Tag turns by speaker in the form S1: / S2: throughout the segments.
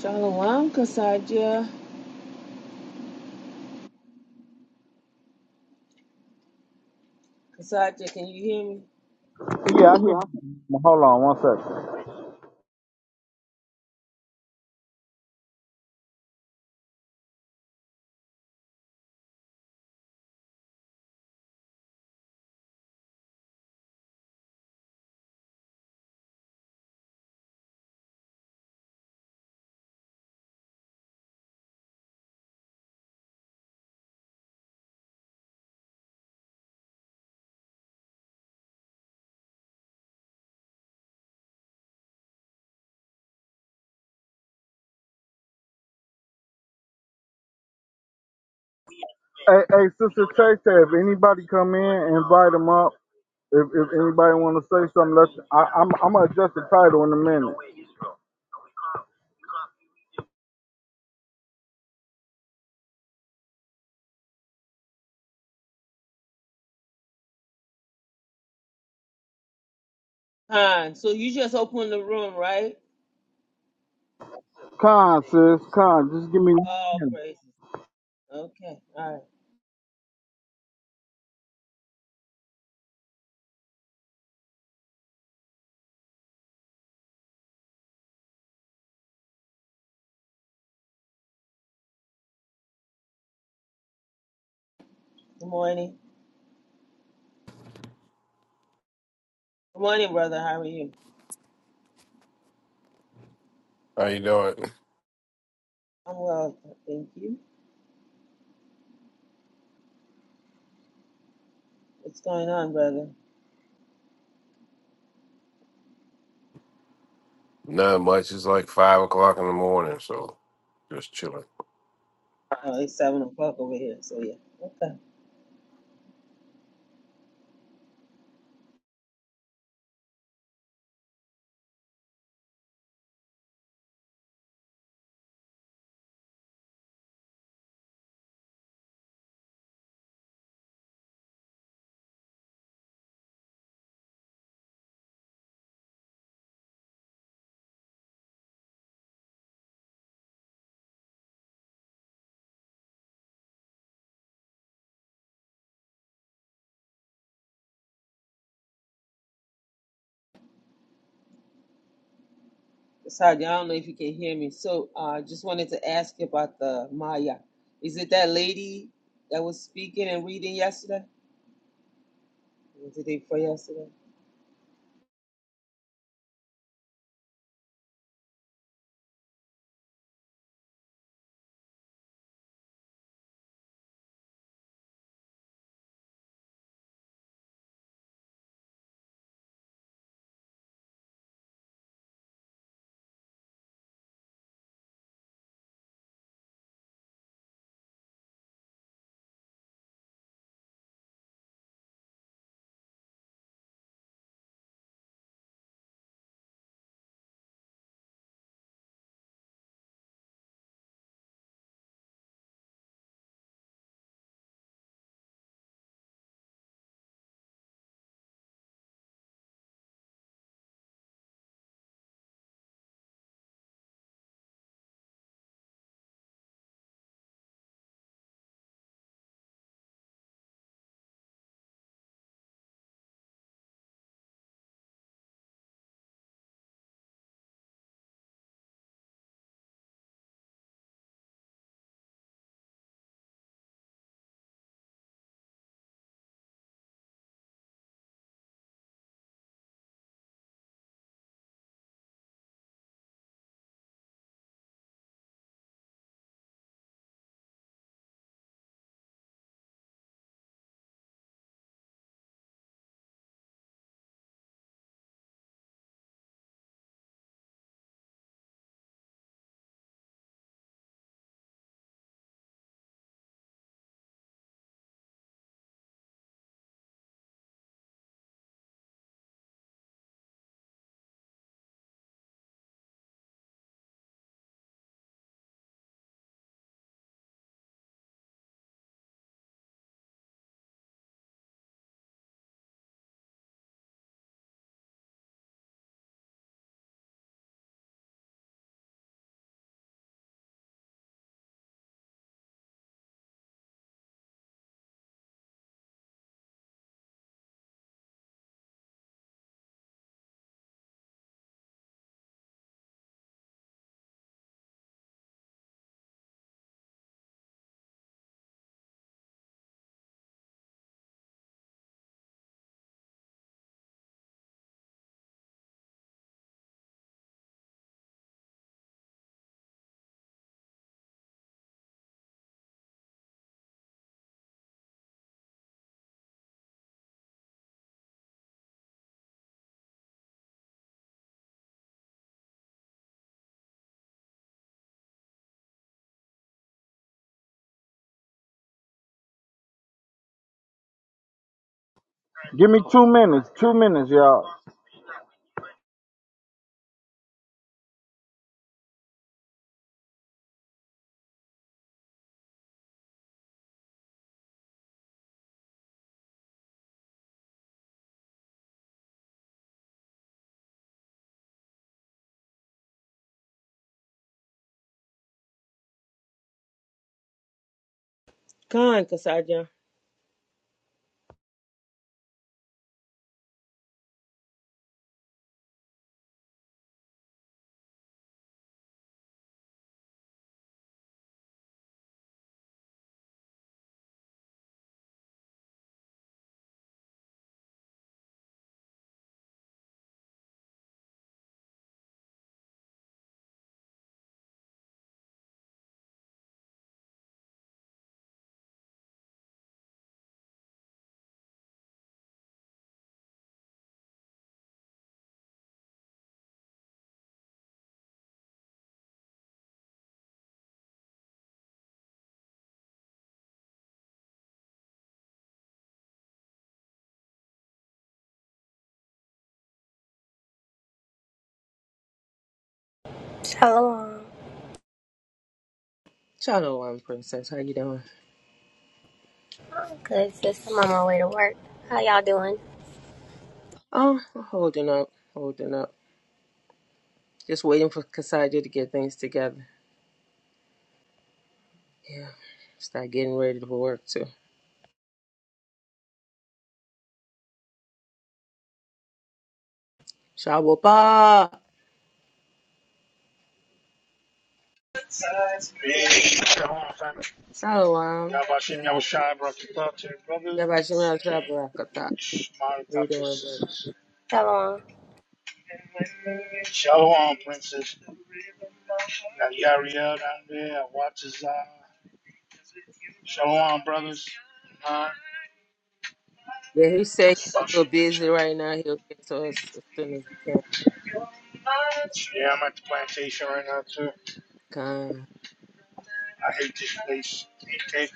S1: Shalom, Kasaja. Kasaja, can you hear me?
S2: Yeah, I can.
S1: Yeah.
S2: Hold on one second. Hey, hey, Sister Chase, if anybody come in, invite them up. If, if anybody want to say something, let's, I, I'm, I'm going to adjust the title in a minute.
S1: Fine. So you just opened the room, right?
S2: Con, sis, con, just give me one
S1: Oh,
S2: minute.
S1: praises. Okay. All right. Good morning. Good morning, brother. How are you?
S3: How you doing?
S1: I'm well, thank you. What's going on, brother?
S3: Not much. It's like five o'clock in the morning, so just chilling.
S1: Oh, it's seven o'clock over here. So yeah. Okay. Kasaja, I don't know if you can hear me. So I uh, just wanted to ask you about the Maya. Is it that lady that was speaking and reading yesterday? Was it the day before yesterday?
S2: Give me two minutes, two minutes, y'all.
S1: Come on, Kasaja.
S4: Shalom.
S1: Shalom, princess. How you doing?
S4: I'm good, sis. I'm on my way to work. How y'all doing?
S1: Oh, I'm holding up, holding up. Just waiting for Kasaja to get things together. Yeah, start getting ready for work too. Shawapa!
S5: Yeah, on
S1: Shalom.
S5: Yabashim Yahushai brought the thought to the brothers.
S1: Yabashimashapalakata. How
S5: Shmari
S1: you
S5: thought
S1: doing, brother?
S4: Shalom.
S5: Shalom, princess. Now Yariel down there. Watazah. Shalom, brothers. Nah,
S1: Yeah, he said he's a
S5: Yabashim
S1: little busy
S5: Yahushai.
S1: right now. He'll get to us as soon as he can.
S5: Yeah, I'm at the plantation right now too.
S1: Come.
S5: I hate this place. I hate it.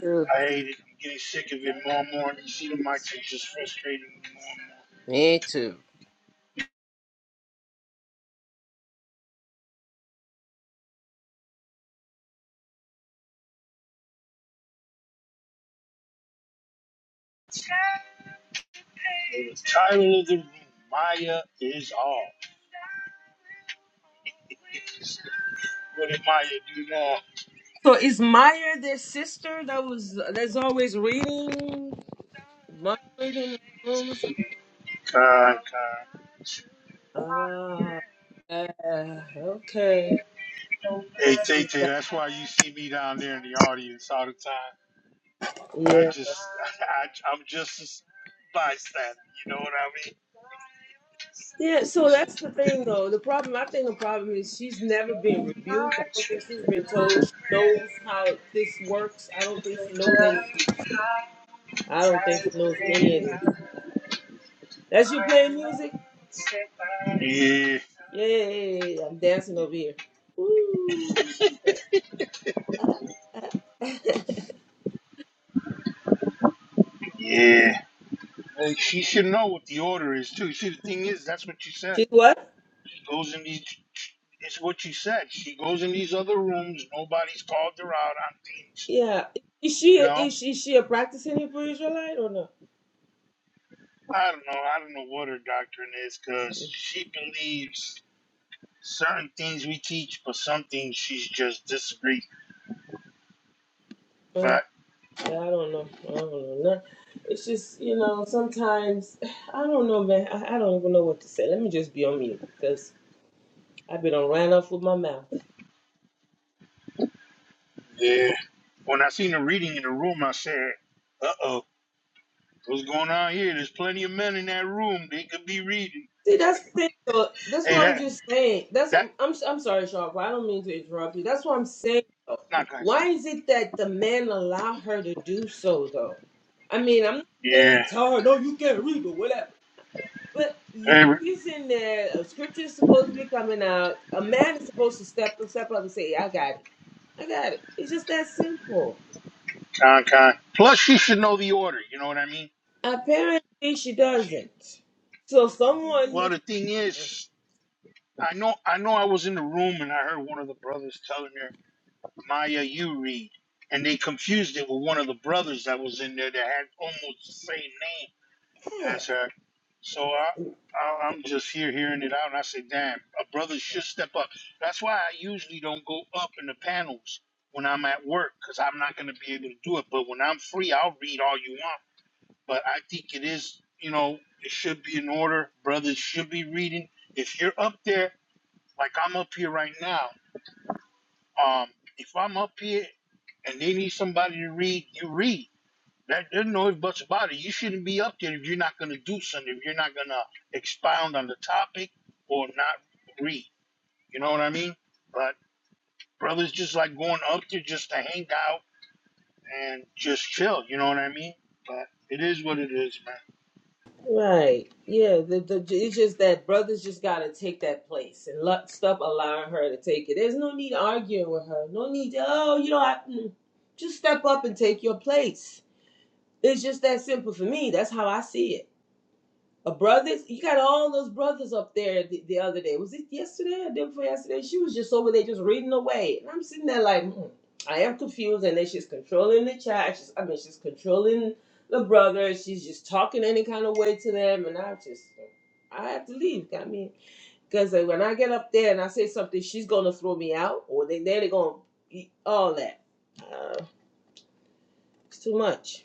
S1: Too.
S5: I'm getting sick of it more and more. you see the mics are just frustrating me more and more.
S1: Me too.
S5: The title of the Maya is all. What did Maya do now?
S1: So is Meyer their sister that was that's always reading? Moderating the room or something?
S5: Con, con.
S1: Ah, yeah, okay.
S5: Hey, Tay
S1: She's
S5: Tay,
S1: got-
S5: that's why you see me down there in the audience all the time. I
S1: Yeah.
S5: just, I, I'm just a bystander. You know
S1: Yeah, so that's the thing though. The problem, I think the problem is she's never been rebuked. I don't think she's been told. She knows how this works. I don't think she knows any. I don't think she knows any of this. That's you playing
S5: what
S1: music?
S5: I mean? Yeah,
S1: Yeah, yeah, yeah, yeah. yeah. I'm dancing over here. Ooh.
S5: yeah. Hey, she should know what the order is too. See, the thing is, that's what you said.
S1: She's what?
S5: goes in these. It's what you said. She goes in these other rooms. Nobody's called her out on things.
S1: Yeah. Is she
S5: You know,
S1: is she, is she a practicing Hebrew Israelite or no?
S5: I don't know. I don't know what her doctrine is because she believes certain things we teach, but some things she's just disagree.
S1: Uh,
S5: But
S1: Yeah, I don't know. I don't know. No, it's just you know sometimes I don't know, man. I, I don't even know what to say. Let me just be on mute because I've been on ran off with my mouth.
S5: yeah, when I seen her reading in the room, I said, "Uh oh, what's going on here? There's plenty of men in that room. They could be reading."
S1: See, that's the thing. Though. That's
S5: Hey,
S1: what I'm
S5: that
S1: just saying. That's
S5: that
S1: what- I'm. I'm sorry, Sharp. I don't mean to interrupt you. That's what I'm saying. Though.
S5: not guys.
S1: Why is it that the man allow her to do so though? I mean, I'm not
S5: Yeah,
S1: saying tell her no, you can't read or whatever. But you-
S5: hey,
S1: he's in there. A scripture is supposed to be coming out. A man is supposed to step step up and say, "I got it." I got it. It's just that simple.
S5: Con Con. Plus, she should know the order. You know what I mean?
S1: Apparently, she
S5: She.
S1: doesn't. So someone
S5: Well,
S1: is
S5: the thing is, I know, I know, I was in the room and I heard one of the brothers telling her, "Maya, you read," and they confused it with one of the brothers that was in there that had almost the same name
S1: yeah.
S5: as her. So I, I I'm just here hearing it out, and I say, "Damn, a brother should step up." That's why I usually don't go up in the panels when I'm at work because I'm not going to be able to do it. But when I'm free, I'll read all you want but I think it is, you know, it should be in order. Brothers should be reading. If you're up there, like I'm up here right now, um, if I'm up here and they need somebody to read, you read. That there's no ifs buts about it. You shouldn't be up there if you're not gonna do something, if you're not gonna expound on the topic or not read. You know what I mean? But brothers just like going up there just to hang out and just chill, you know what I mean? But it is what it is, man.
S1: right. Yeah, the, the it's just that brothers just gotta take that place and let stop allowing her to take it. There's no need arguing with her. No need. To, oh, you know, I, mm." just step up and take your place. It's just that simple for me. That's how I see it. A brothers, you got all those brothers up there the, the other day. Was it yesterday or the day before yesterday? She was just over there just reading away, and I'm sitting there like, hmm, I am confused. And then she's controlling the child. She's, I mean, she's controlling the brothers. She's just talking any kind of way to them, and I just, I have to leave. Got me because when I get up there and I say something, she's gonna throw me out, or they they're gonna eat all that. Uh, it's too much.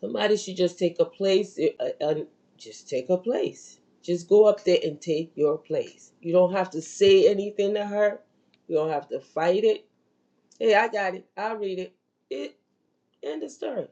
S1: Somebody should just take a place eh, uh, and just take a place. Just go up there and take your place. You don't have to say anything to her. You don't have to fight it. Hey, I got it. I'll read it. It end of story.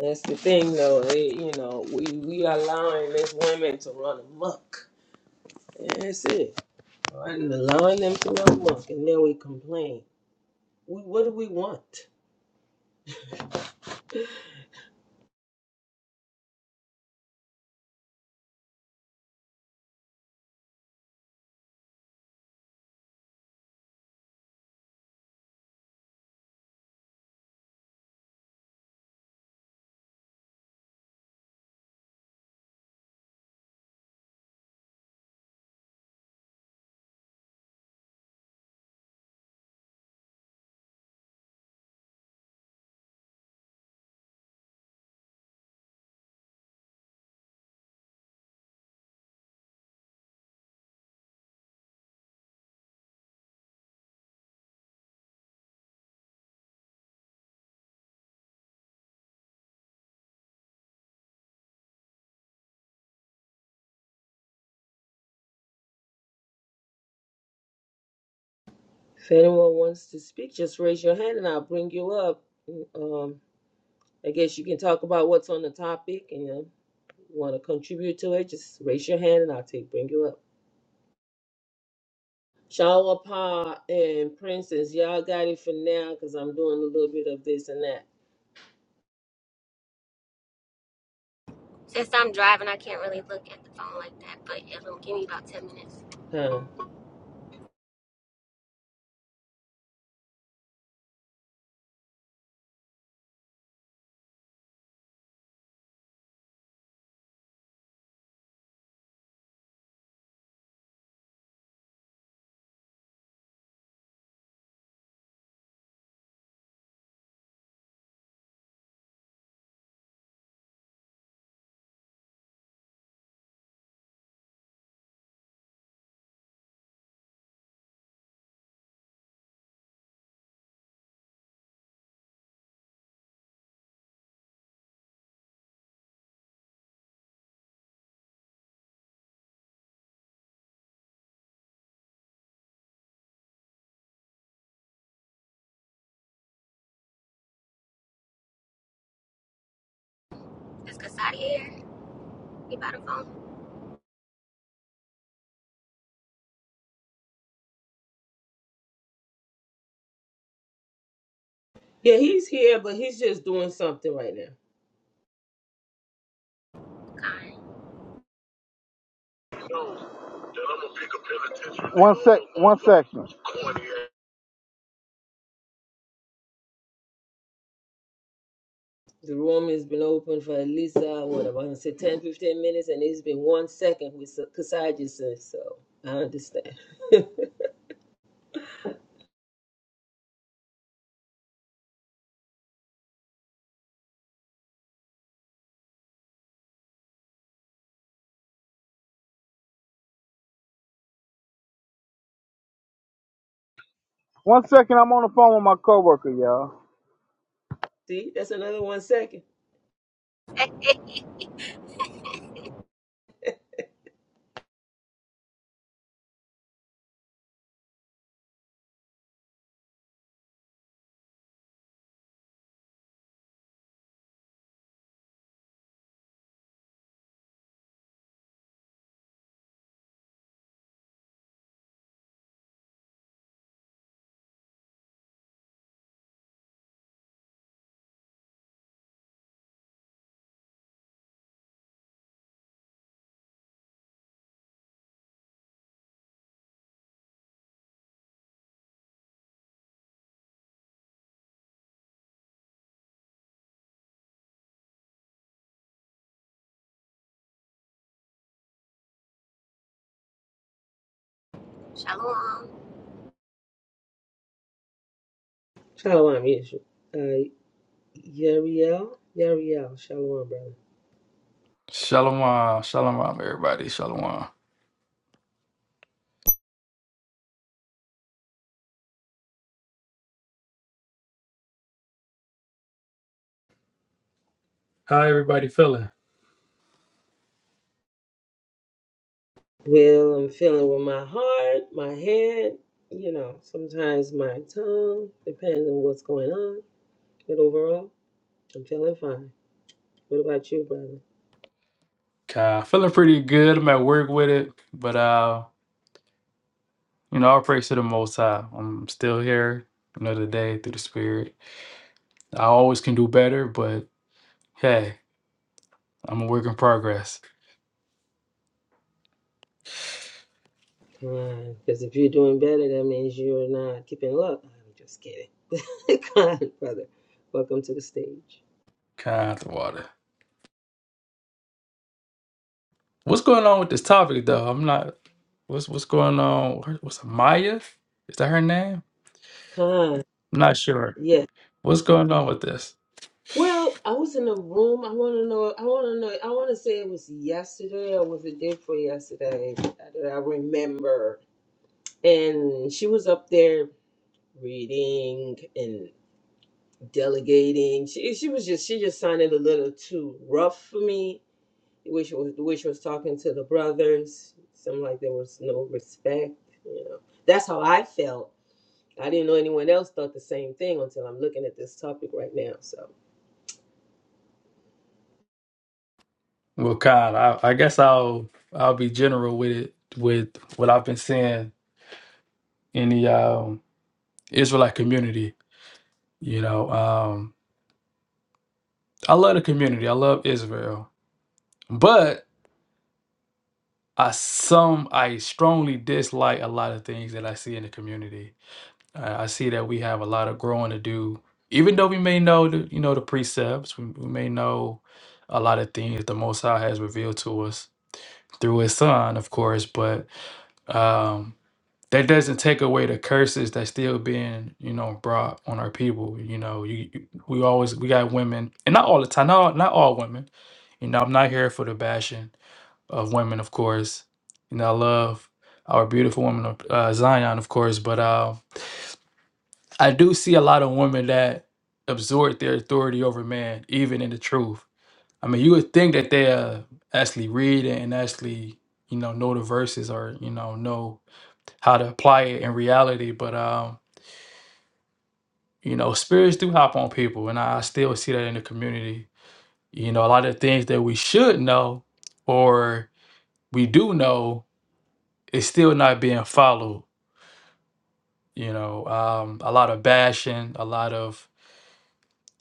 S1: That's the thing, though. They, you know, we we allowing these women to run amok. That's it. Run- Allowing them to run amok, and then we complain. We, what do we want? If anyone wants to speak, just raise your hand, and I'll bring you up. Mm, Um, I guess you can talk about what's on the topic and you know, want to contribute to it. Just raise your hand and I'll take bring you up. Shower Pa and Princess, y'all got it for now because I'm doing a little bit of this and that.
S4: Since I'm driving, I can't really look at the phone like that, but it'll give me about 10 minutes.
S1: Huh.
S4: It's Kasadi here. He by the phone.
S1: Yeah, he's here, but he's just doing something right now.
S4: Kind.
S2: One sec, one second.
S1: The room has been open for at least, uh, what, I going to say 10, 15 minutes, and it's been one second with Kasai says, so I understand.
S2: One second, I'm on the phone with my coworker, y'all.
S1: See, that's another one second.
S4: Shalom.
S1: Shalom, Yeshua. Uh, Yariel, Yariel, Shalom, brother.
S6: Shalom, shalom, everybody. Shalom. How everybody feeling?
S1: Well, I'm feeling with my heart, my head, you know, sometimes my tongue, depending on what's going on. But overall, I'm feeling fine. What about you, brother?
S6: Uh, feeling pretty good. I'm at work with it, but uh, you know, I praise to the Most High. I'm still here another day through the Spirit. I always can do better, but hey, I'm a work in progress.
S1: Fine. Because if you're doing better, that means you're not keeping up. I'm just kidding. Con, brother. Welcome to the stage.
S6: Kind of water. What's going on with this topic, though? I'm not. What's what's going on? What's Maya? Is that her name?
S1: Con,
S6: I'm not sure.
S1: yeah.
S6: What's going on with this?
S1: Well, I was in a room. I want to know. I want to know. I want to say it was yesterday or was it day before yesterday? that I remember. And she was up there reading and delegating. She she was just she just sounded a little too rough for me, which was which was talking to the brothers. Seemed like there was no respect. You know, that's how I felt. I didn't know anyone else thought the same thing until I'm looking at this topic right now. So,
S6: Well, Kyle, I, I guess I'll I'll be general with it with what I've been seeing in the um, Israelite community. You know, um, I love the community. I love Israel, but I some I strongly dislike a lot of things that I see in the community. I, I see that we have a lot of growing to do. Even though we may know the you know the precepts, we, we may know a lot of things that the Most High has revealed to us through His Son, of course, but. Um, that doesn't take away the curses that's still being you know brought on our people you know you, you- we always we got women and not all the time not, all, not all women you know i'm not here for the bashing of women of course you know i love our beautiful women of uh, zion of course but uh, i do see a lot of women that absorb their authority over man even in the truth i mean you would think that they uh, actually read it and actually you know know the verses or you know know how to apply it in reality but um you know, spirits do hop on people, and I still see that in the community. You know, a lot of things that we should know or we do know is still not being followed. You know, um, a lot of bashing, a lot of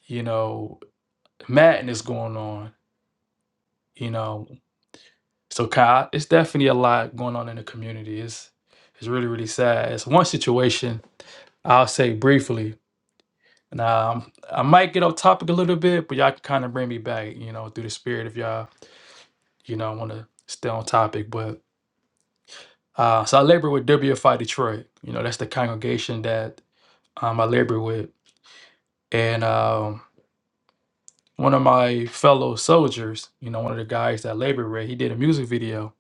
S6: you know madness going on. You know, so Kyle, it's definitely a lot going on in the community. It's it's really really sad. It's one situation I'll say briefly. And um, I might get off topic a little bit, but y'all can kind of bring me back, you know, through the spirit if y'all You know, I want to stay on topic, but uh, so I labor with WFI Detroit. You know, that's the congregation that um, I labor with, and um, one of my fellow soldiers, you know, one of the guys that I labor with, he did a music video,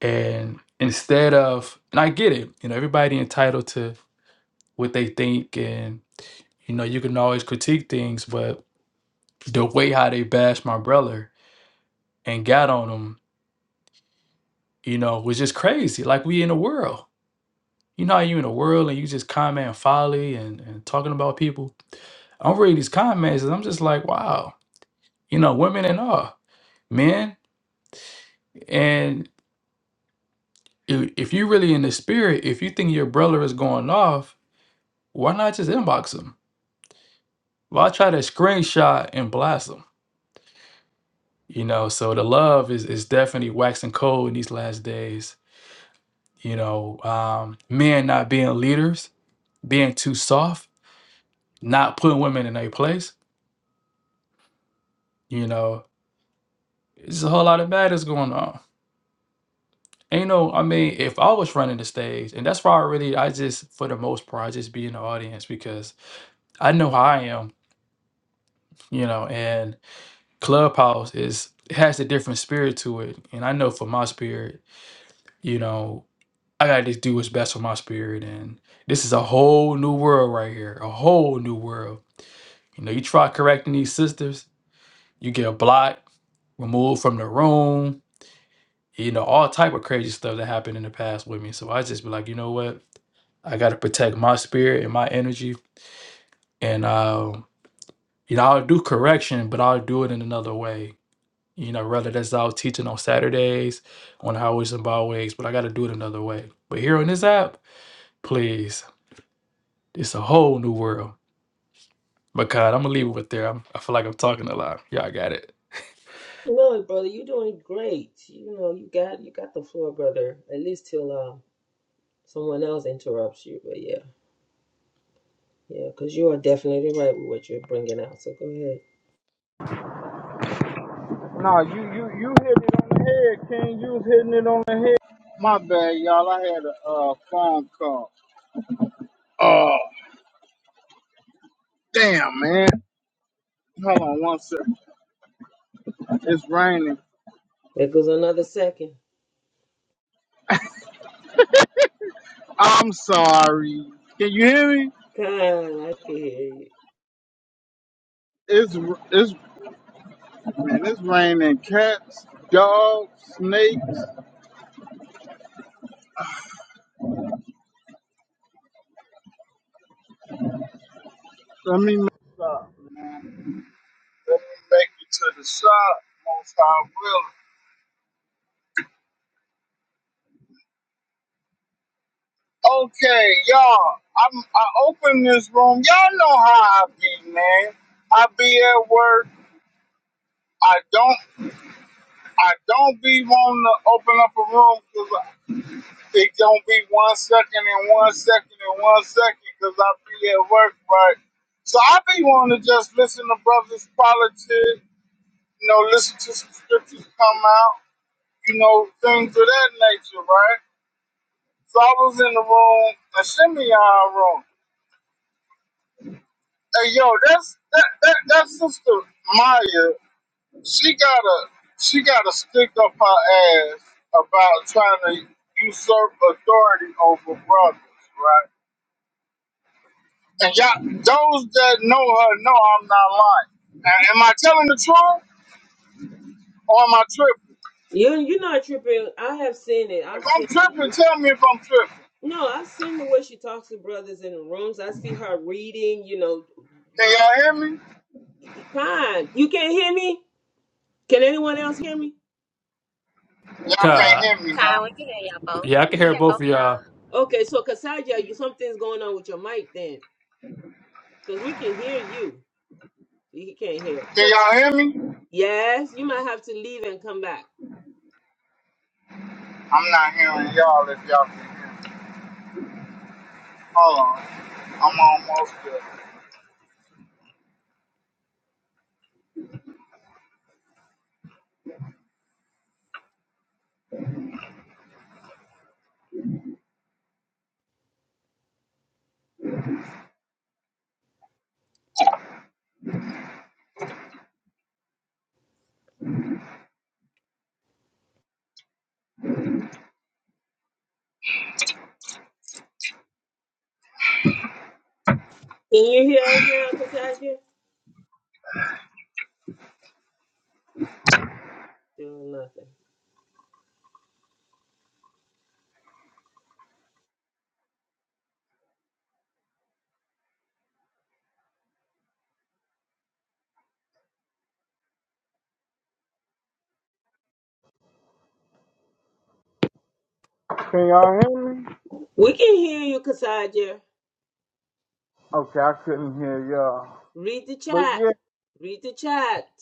S6: and instead of, and I get it, you know, everybody entitled to what they think, and you know, you can always critique things, but the way how they bashed my brother and got on him, you know, was just crazy. Like we in the world You know how you in the world and you just comment folly and, and talking about people. I'm reading these comments and I'm just like, wow, you know, women and all, men. And if, if you really in the spirit, if you think your brother is going off, why not just inbox him? Why try to screenshot and blast him? You know, so the love is, is definitely waxing cold in these last days. You know, um, men not being leaders, being too soft, not putting women in their place. You know, it's a whole lot of madness going on Ain't no, I mean, if I was running the stage, and that's why I really, I just, for the most part, I just be in the audience because I know how I am, you know, and Clubhouse is, it has a different spirit to it. And I know for my spirit, you know, I gotta just do what's best for my spirit. And this is a whole new world right here, a whole new world. You know, you try correcting these sisters, you get blocked, removed from the room, you know, all type of crazy stuff that happened in the past with me. So I just be like, you know what? I got to protect my spirit and my energy. And, um, you know, I'll do correction, but I'll do it in another way. You know, rather that's I was teaching on Saturdays, on highways and byways, but I got to do it another way. But here on this app, please, it's a whole new world. But God, I'm gonna leave it with there. I'm, I feel like I'm talking a lot. Y'all got it.
S1: no, brother, you're doing great. You know, you got you got the floor, brother. At least till uh, someone else interrupts you. But yeah, yeah, because you are definitely right with what you're bringing out. So go ahead.
S2: Nah, you, you, you hit it on the head, King. You was hitting it on the head. My bad, y'all. I had a uh, phone call. Oh, damn, man. Hold on one second. It's raining.
S1: There goes another second.
S2: I'm sorry. Can you hear me?
S1: God, I can hear you.
S2: It's it's man. It's raining. Cats, dogs, snakes. Let me make stop. Let me make it to the shop. Most I will. Okay, y'all. I'm I open this room. Y'all know how I be, man. I be at work. I don't I don't be wanting to open up a room because. It gonna be one second and one second and one second because I be at work, right? So I be wanting to just listen to brothers politics, you know, listen to some scriptures come out, you know, things of that nature, right? So I was in the room, a Shimeon room. Hey yo, that's that, that that sister Maya, she got a she got to stick up her ass about trying to usurp authority over brothers, right? And y'all, those that know her know I'm not lying. Now, am I telling the truth or am I tripping?
S1: You you're not tripping. I have seen it. I've
S2: If I'm
S1: seen
S2: tripping, tell me if I'm tripping.
S1: no, I've seen the way she talks to brothers in the rooms. I see her reading, you know,
S2: Can
S1: just
S2: y'all hear me?
S1: fine. You can't hear me? Can anyone else hear me?
S2: Y'all can't
S6: God,
S2: hear me, huh?
S4: Kind, we can hear y'all both.
S6: yeah, I
S4: We
S6: can
S4: can
S6: hear
S4: hear
S6: both
S4: both
S6: of
S4: of
S6: y'all.
S4: y'all.
S1: Okay, so Kasaja, you something's going on with your mic then. Because we can hear you. He can't hear.
S2: Can y'all hear me?
S1: Yes, you might have to leave and come back.
S2: I'm not hearing y'all if y'all can hear me. Hold on. I'm almost there.
S1: Can you hear us now, Kasaja? Still nothing.
S2: Can y'all hear me?
S1: We can hear you, Kasaja.
S2: Okay, I couldn't hear y'all.
S1: Read the
S2: But
S1: chat.
S2: yeah,
S1: Read the chat.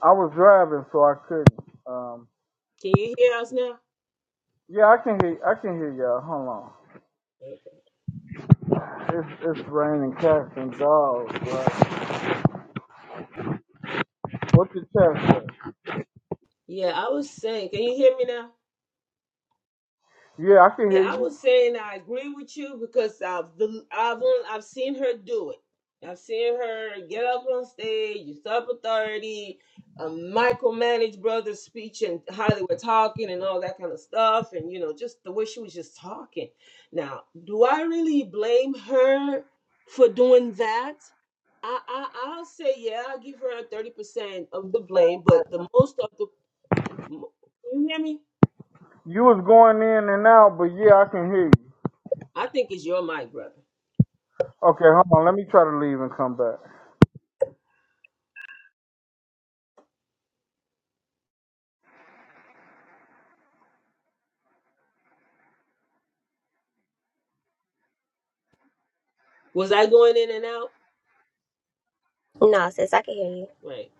S2: I was driving, so I couldn't. Um,
S1: Can you hear us now?
S2: yeah, I can hear. I can hear y'all. Hold on. It's it's raining cats and dogs. Right? What's your chat
S1: Yeah, I was saying, can you hear me now?
S2: Yeah, I can
S1: Yeah,
S2: hear
S1: I
S2: you.
S1: was saying I agree with you because I've the, I've on- I've seen her do it. I've seen her get up on stage, usurp authority, um, micromanage Brothers speech and how they were talking and all that kind of stuff, and you know just the way she was just talking. Now, do I really blame her for doing that? I, I I'll say yeah, I'll give her thirty percent of the blame, but the most of the Can you hear me?
S2: You was going in and out, but yeah, I can hear you.
S1: I think it's your mic, brother.
S2: Okay, hold on. Let me try to leave and come back.
S1: Was I going in and out?
S4: No, sis, I can hear you.
S1: Right.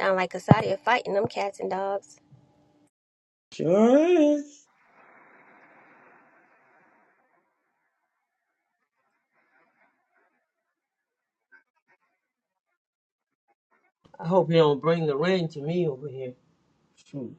S4: Sound like Kasadi fighting them cats and dogs.
S1: Sure is. I hope you don't bring the rain to me over here. Shoot.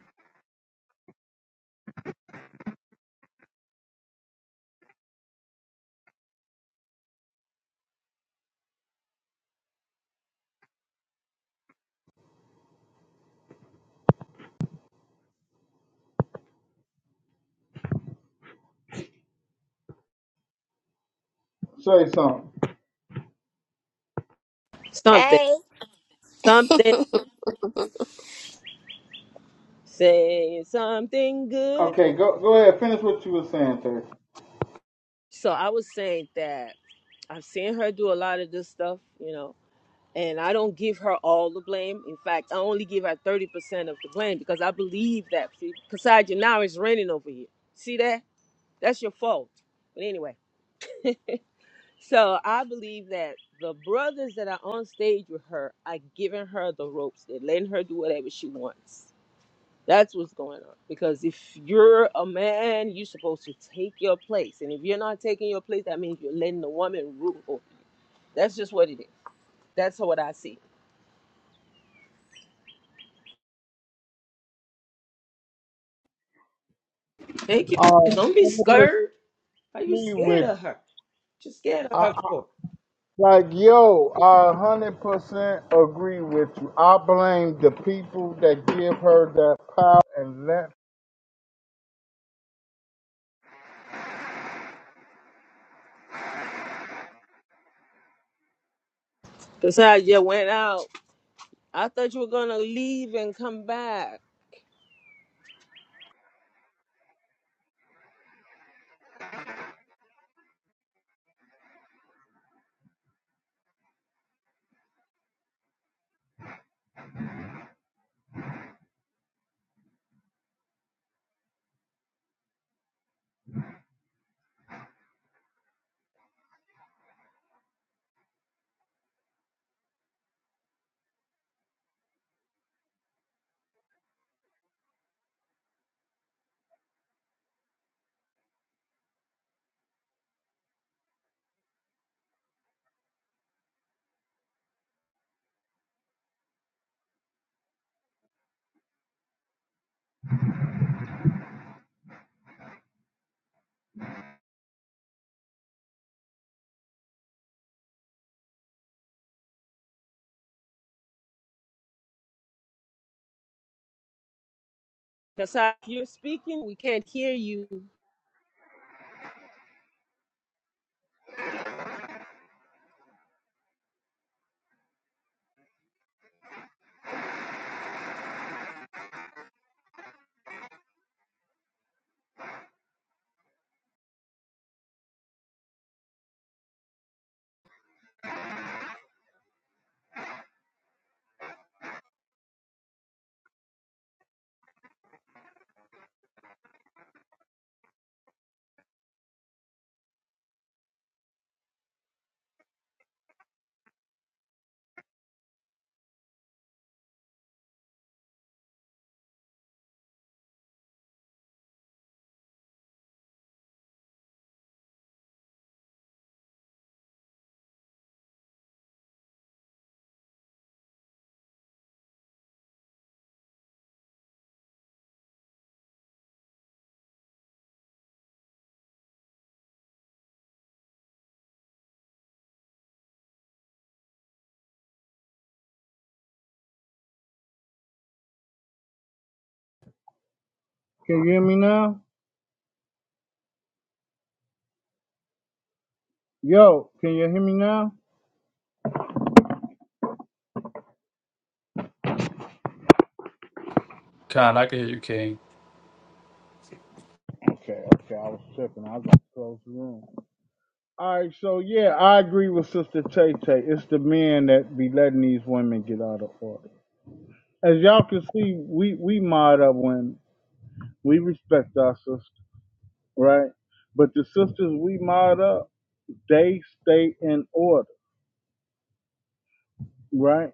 S2: Say something.
S1: Something,
S4: Hey.
S1: something, saying something good.
S2: Okay, go go ahead. Finish what you were saying, Terry.
S1: So I was saying that I've seen her do a lot of this stuff, you know, and I don't give her all the blame. In fact, I only give her 30% of the blame because I believe that. See, Kasaja, now it's raining over here. See that? That's your fault. But anyway, so I believe that the brothers that are on stage with her are giving her the ropes. They're letting her do whatever she wants. That's what's going on. Because if you're a man, you're supposed to take your place. And if you're not taking your place, that means you're letting the woman rule. over you. That's just what it is. That's what I see. Thank you.
S2: Um,
S1: Don't be
S2: I'm gonna
S1: scared. Are you
S2: agree
S1: scared
S2: with
S1: of her? What you scared of
S2: I,
S1: her
S2: I,
S1: for?
S2: like yo. I a hundred percent agree with you. I blame the people that give her that power and let.
S1: Cause I just went out. I thought you were gonna leave and come back. Cause I, you're speaking, we can't hear you.
S2: Can you hear me now? Yo, can you hear me now?
S6: God, I can hear you, King.
S2: Okay, okay. I was tripping. I got close the room. All right, so yeah, I agree with Sister Tay Tay. It's the men that be letting these women get out of order. As y'all can see, we we mod up women. We respect our sisters, right? But the sisters we mod up, they stay in order, right?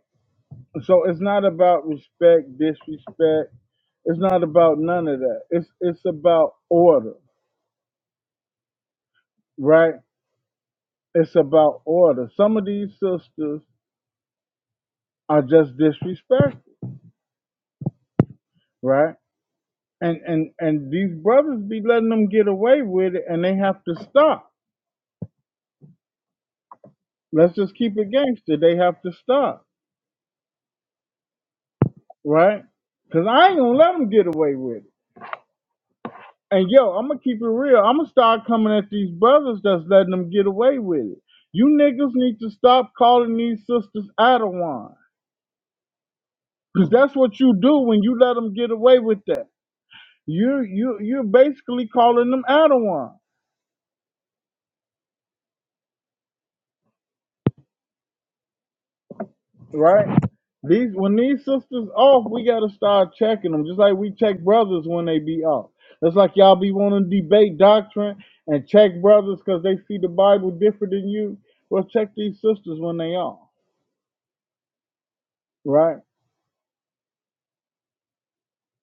S2: So it's not about respect, disrespect. It's not about none of that. It's it's about order, right? It's about order. Some of these sisters are just disrespectful, right? and and and these brothers be letting them get away with it and they have to stop let's just keep it gangster they have to stop right because i ain't gonna let them get away with it and yo i'm gonna keep it real i'm gonna start coming at these brothers that's letting them get away with it you niggas need to stop calling these sisters Adawan. Because that's what you do when you let them get away with that. You you you're basically calling them Adawan. right? These when these sisters off, we gotta start checking them, just like we check brothers when they be off. That's like y'all be wanting to debate doctrine and check brothers because they see the Bible different than you. Well, check these sisters when they off, right?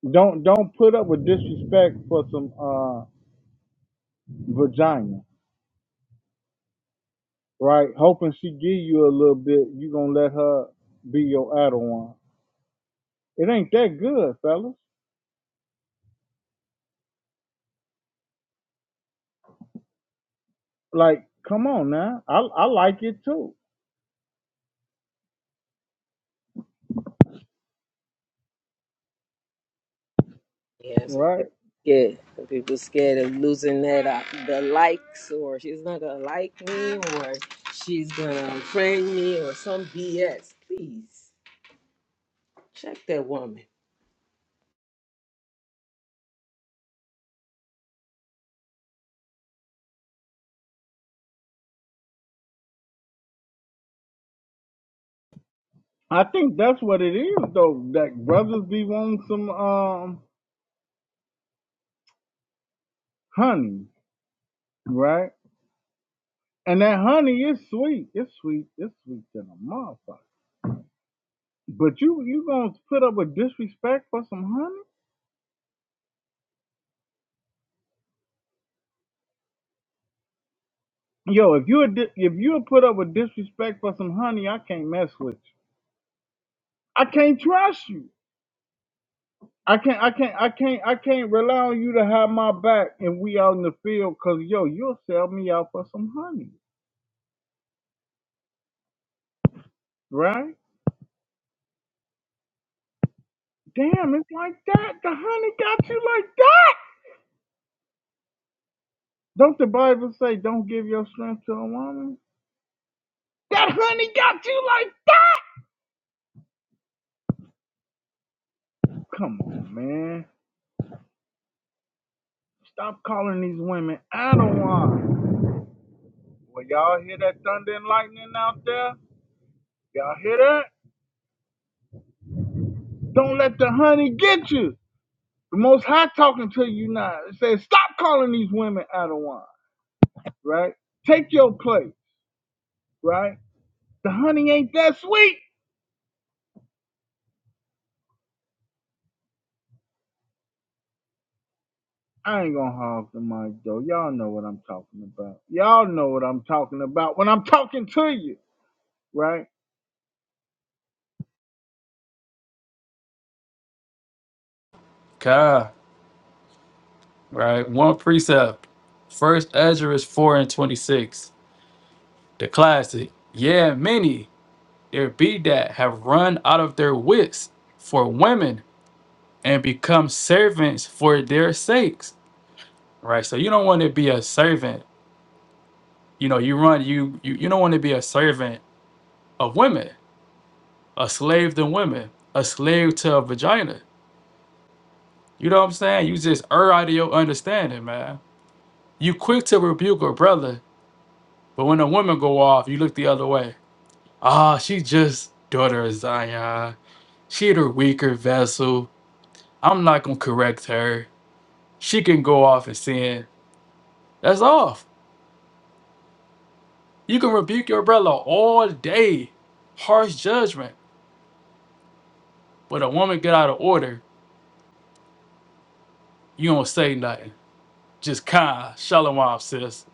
S2: Don't don't put up with disrespect for some uh vagina, right? Hoping she give you a little bit, you gonna let her be your idol one. It ain't that good, fellas. Like, come on now. I I like it too,
S1: Yeah, some
S2: right?
S1: people scared. Some people scared of losing that uh, the likes, or she's not gonna like me, or she's gonna unfriend me, or some BS. Please check that woman.
S2: I think that's what it is though. That brothers be wanting some um honey, right? And that honey is sweet. It's sweet. It's sweet than a motherfucker. But you you gonna put up with disrespect for some honey? Yo, if you a di- if you put up with disrespect for some honey, I can't mess with you. I can't trust you. I can't I can't I can't I can't rely on you to have my back and we out in the field because yo, you'll sell me out for some honey, right? Damn, it's like that. The honey got you like that. Don't the Bible say don't give your strength to a woman? That honey got you like that. Come on, man. Stop calling these women Adawan. Well, y'all hear that thunder and lightning out there? Y'all hear that? Don't let the honey get you. The Most High talking to you now. It says stop calling these women Adawan, right? Take your place, right? The honey ain't that sweet. I ain't gonna hog the mic though. Y'all know what I'm talking about. Y'all know what I'm talking about when I'm talking to you, right?
S6: God, right? One precept. First Ezra is four and twenty-six. The classic. Yeah, many. there be that have run out of their wits for women and become servants for their sakes right so you don't want to be a servant you know you run you you, you don't want to be a servant of women a slave to women a slave to a vagina you know what i'm saying you just err out of your understanding man you quick to rebuke a brother but when a woman go off you look the other way ah she just daughter of zion she the weaker vessel i'm not gonna correct her She can go off and sin. That's off. You can rebuke your brother all day, harsh judgment. But a woman get out of order, you don't say nothing. Just kind, shalom, sis.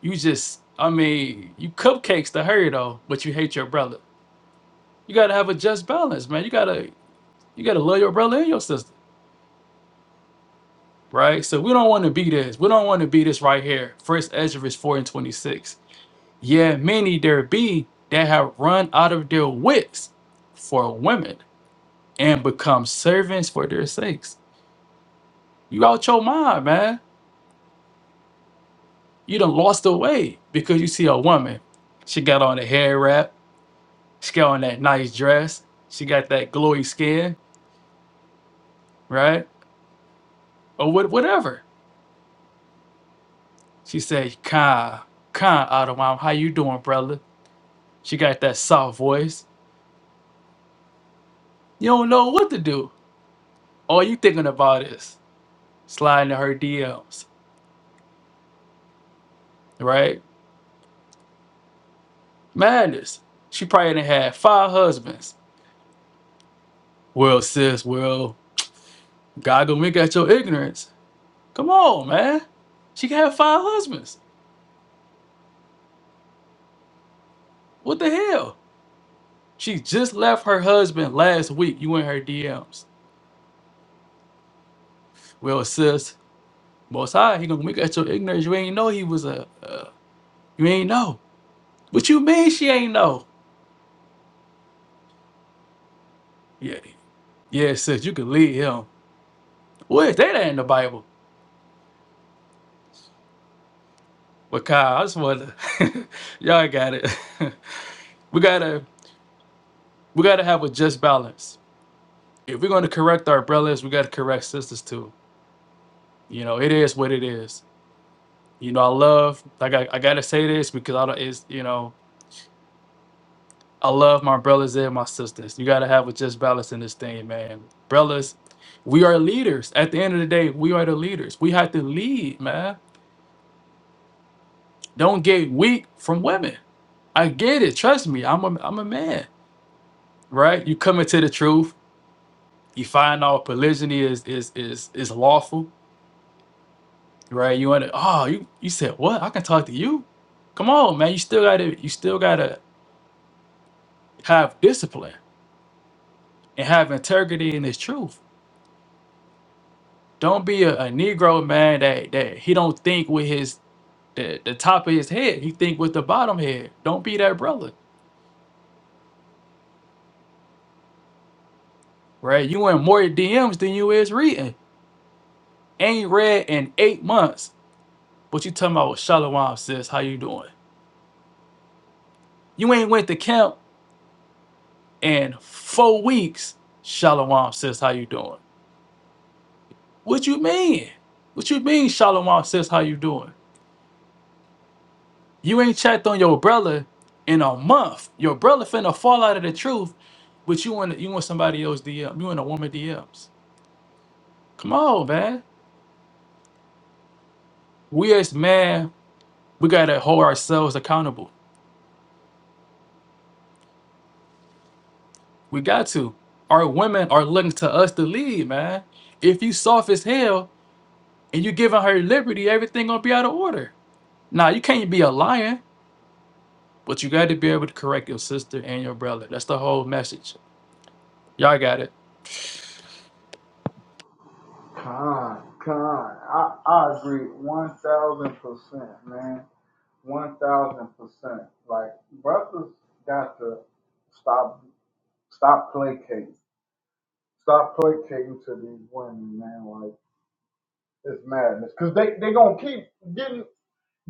S6: You just, I mean, you cupcakes to her though, but you hate your brother. You gotta have a just balance, man. You gotta, you gotta love your brother and your sister, right? So we don't want to be this. We don't want to be this right here. First Ezra is four and twenty-six. Yeah, many there be that have run out of their wits for women and become servants for their sakes. You out your mind, man. You done lost the way because you see a woman. She got on a hair wrap. She got on that nice dress. She got that glowy skin, right? Or what, whatever. She said, "Kai, Kai, out of how you doing, brother?" She got that soft voice. You don't know what to do. All you thinking about is sliding to her DMs, right? Madness. She probably done had five husbands. Well, sis, well, God gonna wink at your ignorance. Come on, man. She can have five husbands. What the hell? She just left her husband last week. You in her DMs. Well, sis, most high, he gonna wink at your ignorance. You ain't know he was a. Uh, you ain't know. What you mean she ain't know? Yeah, yeah, sis, you can lead him. What is that in the Bible? But Kyle, I just wanna. y'all got it. we gotta. We gotta have a just balance. If we're gonna correct our brothers, we gotta correct sisters too You know, it is what it is. You know, I love like I, I gotta say this because I don't it's you know, I love my brothers and my sisters. You gotta have a just balance in this thing, man. Brothers, we are leaders. At the end of the day, we are the leaders. We have to lead, man. Don't get weak from women. I get it. Trust me, I'm a I'm a man, right? You come into the truth, you find out polygyny is is is is lawful, right? You want to oh you you said what? I can talk to you. Come on, man. You still gotta you still gotta have discipline and have integrity in his truth. Don't be a, a Negro man that that he don't think with his the, the top of his head. He think with the bottom head. Don't be that brother, right? You in more DMs than you is reading. Ain't read in eight months. But you talking about Shalom sis? How you doing? You ain't went to camp in four weeks. Shalom sis, how you doing? What you mean? What you mean, Shalom sis? How you doing? You ain't checked on your brother in a month. Your brother finna fall out of the truth, but you want you want somebody else DM. You want a woman DMs. Come on, man. We as man, we gotta hold ourselves accountable. We got to. Our women are looking to us to lead, man. If you soft as hell and you giving her liberty, everything gonna be out of order. Now you can't be a lion, but you gotta be able to correct your sister and your brother. That's the whole message. Y'all got it.
S2: Con, con. I, I agree 1000%, man. 1000%. Like, brothers got to stop, stop placating. Stop placating to these women, man. Like, it's madness. Because they, they going to keep getting,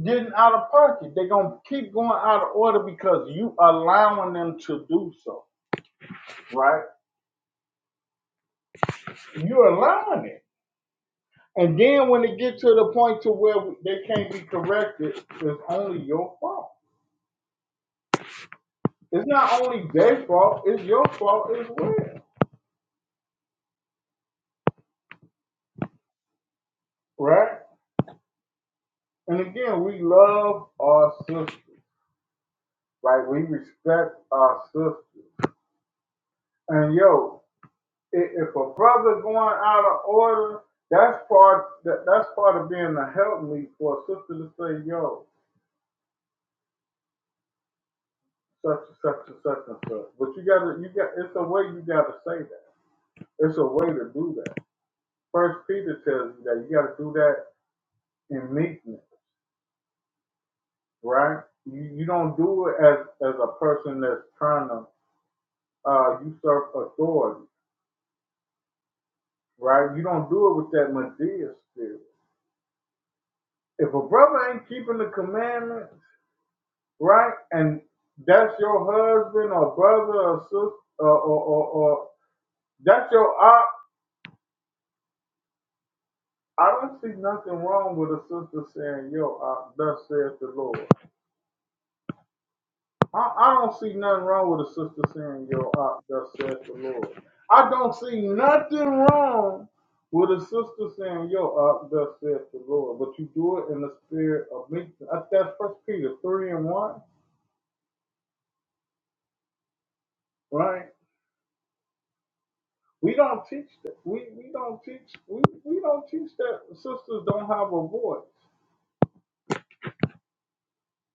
S2: getting out of pocket. they going to keep going out of order because you allowing them to do so. right? You're allowing it. And then when it gets to the point to where they can't be corrected, it's only your fault. It's not only their fault, it's your fault as well, right? And again, we love our sisters, right? We respect our sisters. And yo, if a brother going out of order, that's part that, that's part of being a help me for a sister to say, yo, such and such and such and such. But you gotta you got it's a way you gotta say that It's a way to do that. First Peter tells you that you got to do that in meekness, right? You, you don't do it as as a person that's trying to uh, usurp authority, right? You don't do it with that Medea spirit. If a brother ain't keeping the commandments, right, and that's your husband or brother or sister or, or, or, or that's your op, I don't see nothing wrong with a sister saying, "Yo, op, thus says the Lord." I, I don't see nothing wrong with a sister saying, Yo, I, thus saith the Lord. I don't see nothing wrong with a sister saying, Yo, I, thus saith the Lord. But you do it in the spirit of meekness. That's, that's First Peter 3 and 1, right? We don't teach that. We, we don't teach we, we don't teach that sisters don't have a voice.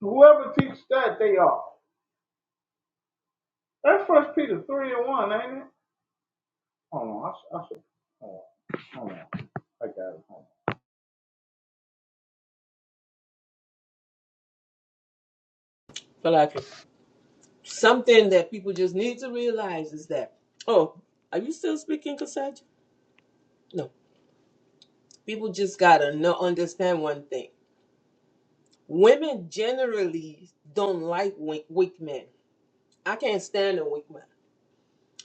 S2: Whoever teaches that, they are. That's First Peter 3 and 1, ain't it? Hold on, I, should- I should. Hold on, hold on. I got it. Hold
S1: But like something that people just need to realize is that, oh, are you still speaking, Cassandra? No. people just gotta know understand one thing. Women generally don't like weak, weak men. I can't stand a weak man.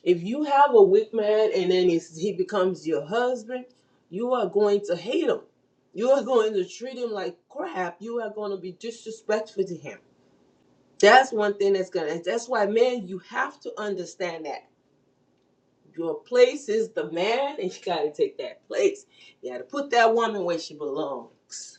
S1: If you have a weak man and then he's, he becomes your husband, you are going to hate him. You are going to treat him like crap. You are going to be disrespectful to him. That's one thing that's gonna. That's why, man, you have to understand that your place is the man, and you gotta take that place. You gotta put that woman where she belongs.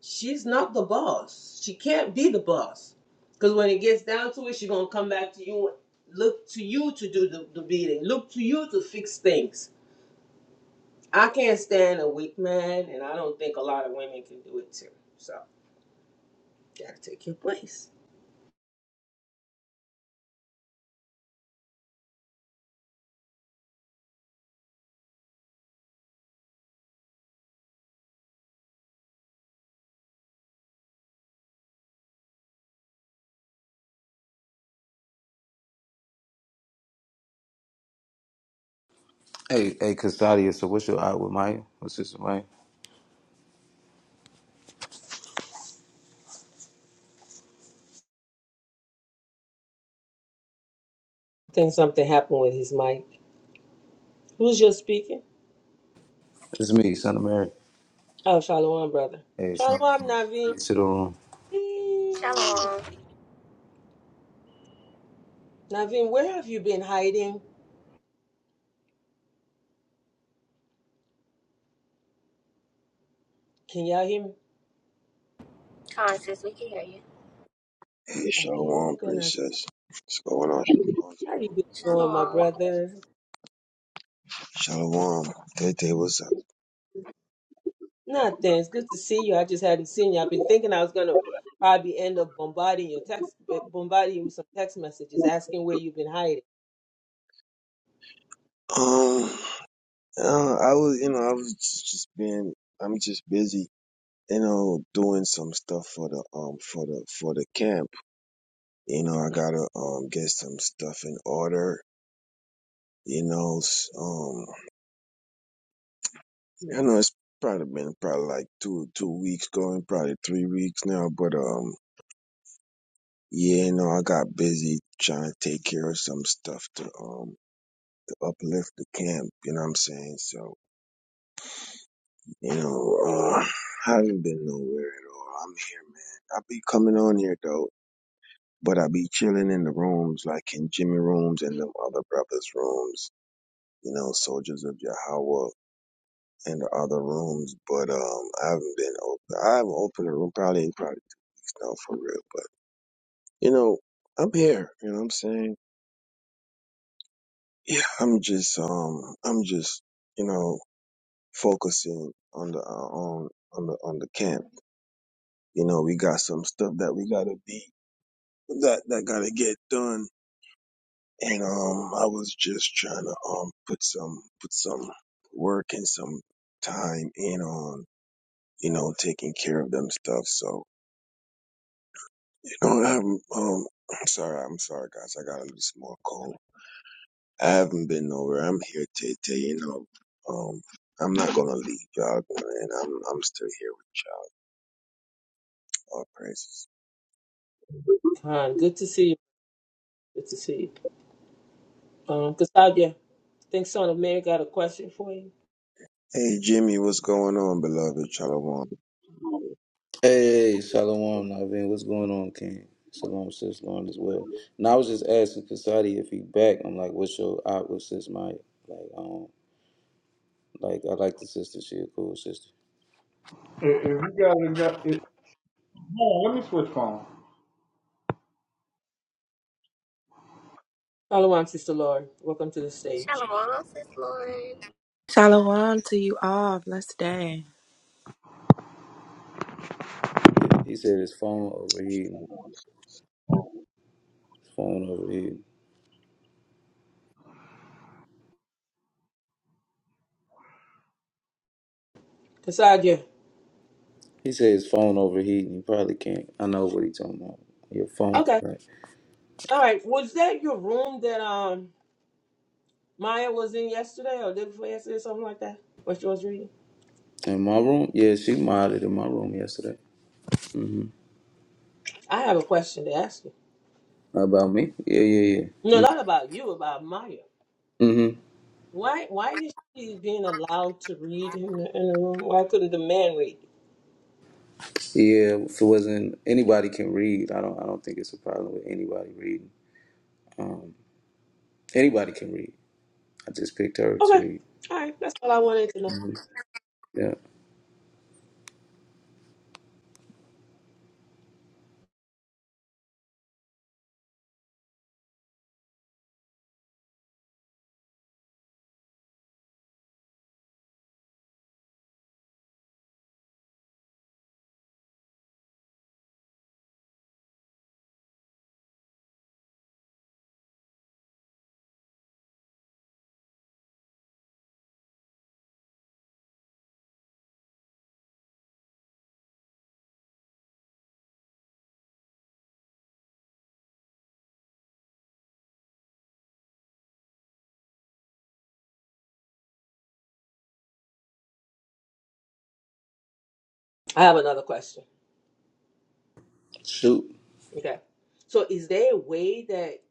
S1: she's not the boss. She can't be the boss. Because when it gets down to it, she's going to come back to you, look to you to do the, the beating, look to you to fix things. I can't stand a weak man, and I don't think a lot of women can do it too. So, gotta take your place.
S7: Hey, hey, Castadia, so what's your out with Maya? What's this, Maya?
S1: I think something happened with his mic. Who's just speaking?
S7: It's me, son of Mary.
S1: Oh, Shalom, brother.
S7: Hey, son of
S1: Shalom, Naveem.
S7: Mary, Sit on.
S1: Eee.
S4: Shalom.
S1: Naveem, where have you been hiding? Can y'all hear me?
S4: Kind, sis, we can hear you.
S8: Hey,
S1: Okay,
S8: Shalom,
S1: there go Naveem.
S8: princess. What's going on? Shalom.
S1: How you been doing, my
S4: Shalom.
S1: brother?
S8: Shalom. Tete, what's up?
S1: Nothing. It's good to see you. I just hadn't seen you. I've been thinking I was gonna probably end up bombarding your text, eh, bombarding you with some text messages asking where you've been hiding.
S8: Um, uh, I was, you know, I was just just being, I'm just busy, you know, doing some stuff for the, um, for the, for the camp. You know, I gotta, um, get some stuff in order. You know, s- um, I know it's probably been probably like two, two weeks going, probably three weeks now, but, um, yeah, you know, I got busy trying to take care of some stuff to, um, uplift the camp. You know what I'm saying? So, you know, uh, I haven't been nowhere at all. I'm here, man. I be coming on here though, but I be chilling in the rooms, like in Jimmy rooms and them other brothers' rooms. You know, soldiers of Yahweh and the other rooms. But um, I haven't been open. I haven't opened a room probably in probably two weeks now, for real. But you know, I'm here. You know what I'm saying? Yeah, I'm just um, I'm just you know. focusing on the uh, on on the on the camp. You know, we got some stuff that we gotta be that that gotta get done. And um, I was just trying to um put some put some work and some time in on you know taking care of them stuff. So you know, I have um. I'm sorry, I'm sorry, guys. I got a little small cold. I haven't been nowhere. I'm here to tell you know. Um, I'm not gonna leave y'all, and I'm I'm still here with y'all. All praises.
S1: Fine. Good to see you. Good to see you. Um, Cassandra, I think Son of Mary got a question for you.
S8: Hey Jimmy, what's going on, beloved? Shalom.
S7: Hey, Shalom, Naveen. What's going on, King? Shalom, Sis Lauren as well. Now, I was just asking Castadia if he back. I'm like, what's your out with Sis Maya? Like, um, like, I like the sister. She a cool sister.
S2: on. If if you got it, got it, Hold on, let me switch phone.
S1: Follow on, Sister Lord. Welcome to the stage,
S4: Shalom, sis Lauren.
S9: Shalom to you all. Blessed day.
S7: He he said his phone overheating. His phone overheating.
S1: Cassandra.
S7: He said his phone overheating. He probably can't. I know what he talking about. Your phone,
S1: Okay.
S7: right?
S1: All right. Was that your room that um Maya was in yesterday or day before yesterday, something like that? What she was reading?
S7: In my room? Yeah, she modded in my room yesterday. Mm-hmm.
S1: I have a question to ask you.
S7: About me? Yeah, yeah, yeah.
S1: No, not about you, about Maya.
S7: hmm
S1: Why why is she being allowed to read in the, in the room? Why couldn't the man read?
S7: Yeah, if it wasn't anybody can read. I don't I don't think it's a problem with anybody reading. Um anybody can read. I just picked her to
S1: Okay.
S7: read.
S1: All right. That's all I wanted to know.
S7: Mhm. Yeah.
S1: I have another question.
S7: Shoot.
S1: Okay. So is there a way that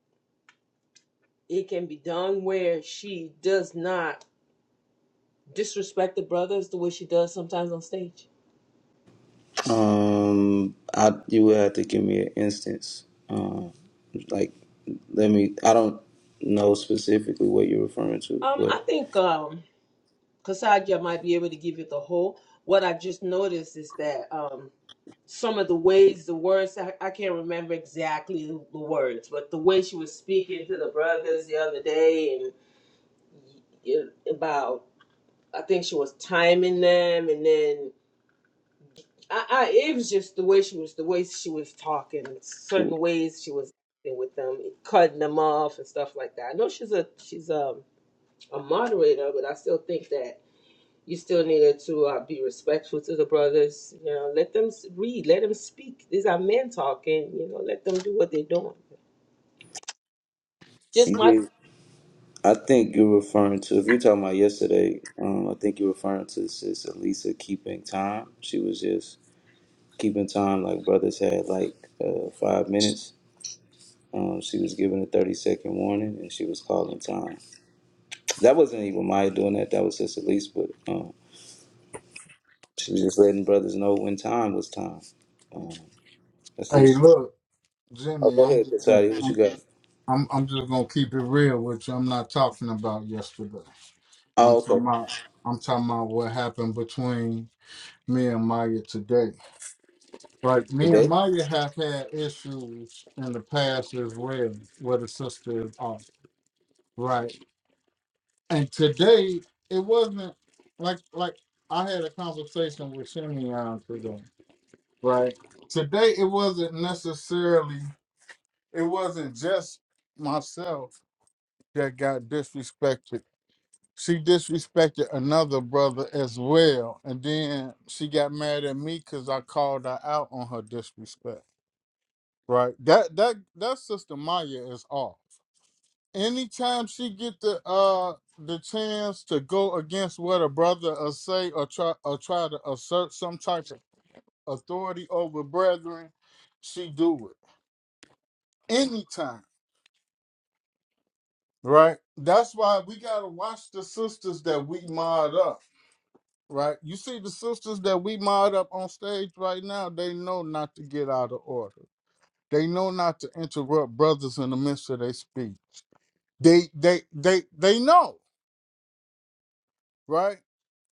S1: it can be done where she does not disrespect the brothers the way she does sometimes on stage?
S7: Um I you would have to give me an instance. Um like let me I don't know specifically what you're referring to,
S1: Um, I
S7: but
S1: think um Kasaja might be able to give you the whole. What I just noticed is that um some of the ways the words I, I can't remember exactly the words, but the way she was speaking to the brothers the other day and y- about I think she was timing them and then I, I it was just the way she was the way she was talking certain ways she was acting with them cutting them off and stuff like that. I know she's a she's um a moderator, but I still think that you still needed to uh, be respectful to the brothers. You know, let them s- read, let them speak. These are men talking. You know, let them do what they're doing. Just my
S7: you- I think you're referring to if you're talking about yesterday, um I think you're referring to Sis Elisa keeping time. She was just keeping time, like brothers had like uh, five minutes. Um, she was given a 30 second warning and she was calling time. That wasn't even Maya doing that, that was Sister Elise, but um, she was just letting brothers know when time was time. Um, that's it.
S10: Hey, look,
S7: Oh,
S10: Jimmy,
S7: go
S10: I'm
S7: ahead,
S10: just gonna,
S7: Kasadi, what you
S10: I'm,
S7: got?
S10: I'm I'm just gonna keep it real with you. I'm not talking about yesterday.
S7: Oh,
S10: I'm
S7: okay.
S10: talking about I'm talking about what happened between me and Maya today. Like me and
S7: Today?
S10: Maya have had issues in the past as well, where the sister is off, right? And today it wasn't like like I had a conversation with Simeon today, right? Today it wasn't necessarily. it wasn't just myself that got disrespected. She disrespected another brother as well. And then she got mad at me because I called her out on her disrespect. Right. That that that sister Maya is off. Anytime she get the uh the chance to go against what a brother or say or try or try to assert some type of authority over brethren, she do it. Anytime. Right. That's why we gotta watch the sisters that we mod up. Right. You see the sisters that we mod up on stage right now, they know not to get out of order. They know not to interrupt brothers in the midst of their speech. They they they they know, right?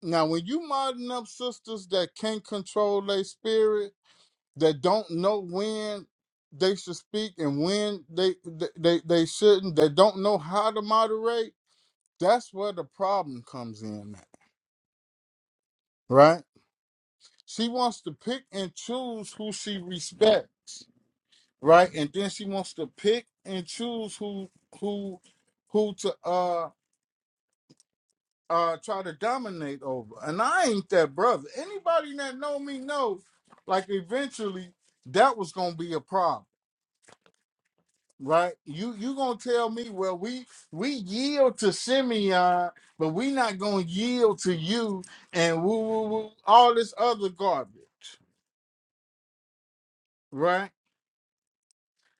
S10: Now when you modding up sisters that can't control their spirit, that don't know when they should speak and when they they, they, they shouldn't, that don't know how to moderate, that's where the problem comes in right? She wants to pick and choose who she respects, right? And then she wants to pick and choose who who who to uh uh try to dominate over. And I ain't that brother. Anybody that know me knows like eventually that was gonna be a problem. Right, you you gonna tell me? Well, we we yield to Simeon, but we not gonna yield to you and woo woo woo all this other garbage, right?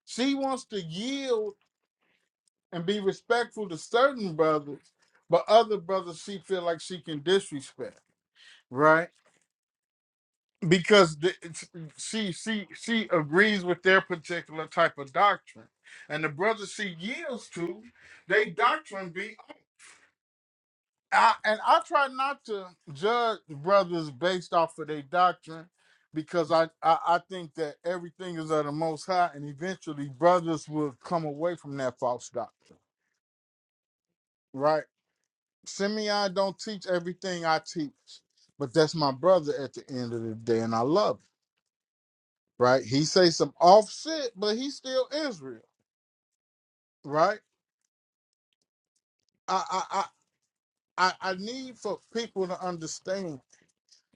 S10: She wants to yield and be respectful to certain brothers, but other brothers she feel like she can disrespect, right? Because the, it's- she she she agrees with their particular type of doctrine, and the brothers she yields to, they doctrine be. I, and I try not to judge brothers based off of their doctrine, because I, I I think that everything is of the Most High, and eventually brothers will come away from that false doctrine right? Simeon don't teach everything I teach, but that's my brother at the end of the day, and I love him, right? He say some off shit, but he's still Israel, right? I I I I I need for people to understand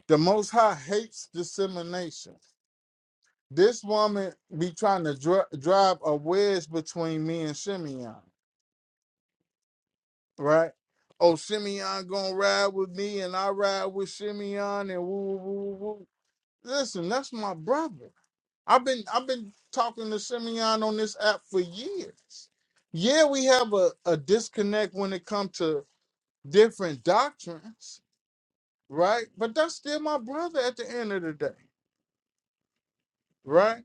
S10: the Most High hates dissemination. This woman be trying to dri- drive a wedge between me and Simeon, right? Oh, Simeon gonna ride with me, and I ride with Simeon, and woo woo woo. woo. Listen, that's my brother I've been I've been talking to Simeon on this app for years. Yeah, we have a, a disconnect when it comes to different doctrines, right? But that's still my brother at the end of the day, right?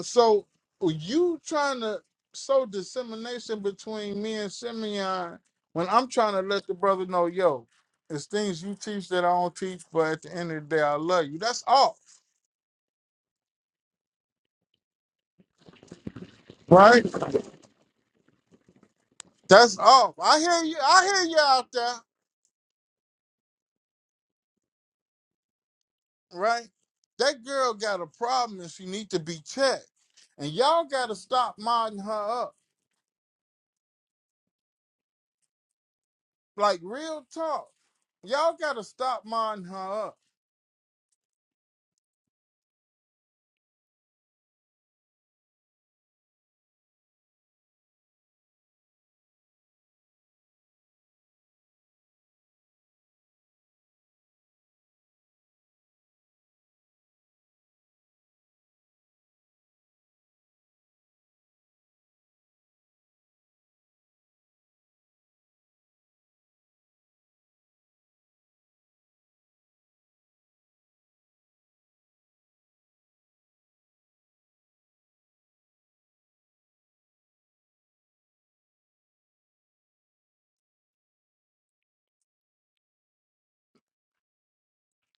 S10: So you trying to sow dissemination between me and Simeon when I'm trying to let the brother know, yo, it's things you teach that I don't teach, but at the end of the day, I love you. That's all, right? That's all. I hear you. I hear you out there. right? That girl got a problem and she need to be checked. And y'all gotta stop modding her up. Like real talk. Y'all gotta stop modding her up.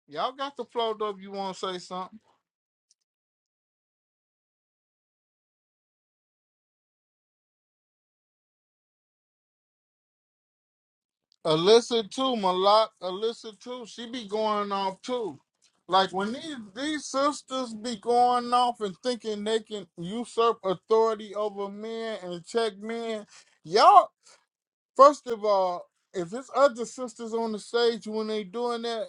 S10: Y'all got the float up. You wanna say something? Alyssa too, Malak. Alyssa too. She be going off too. Like when these these sisters be going off and thinking they can usurp authority over men and check men, y'all. First of all, if it's other sisters on the stage when they doing that,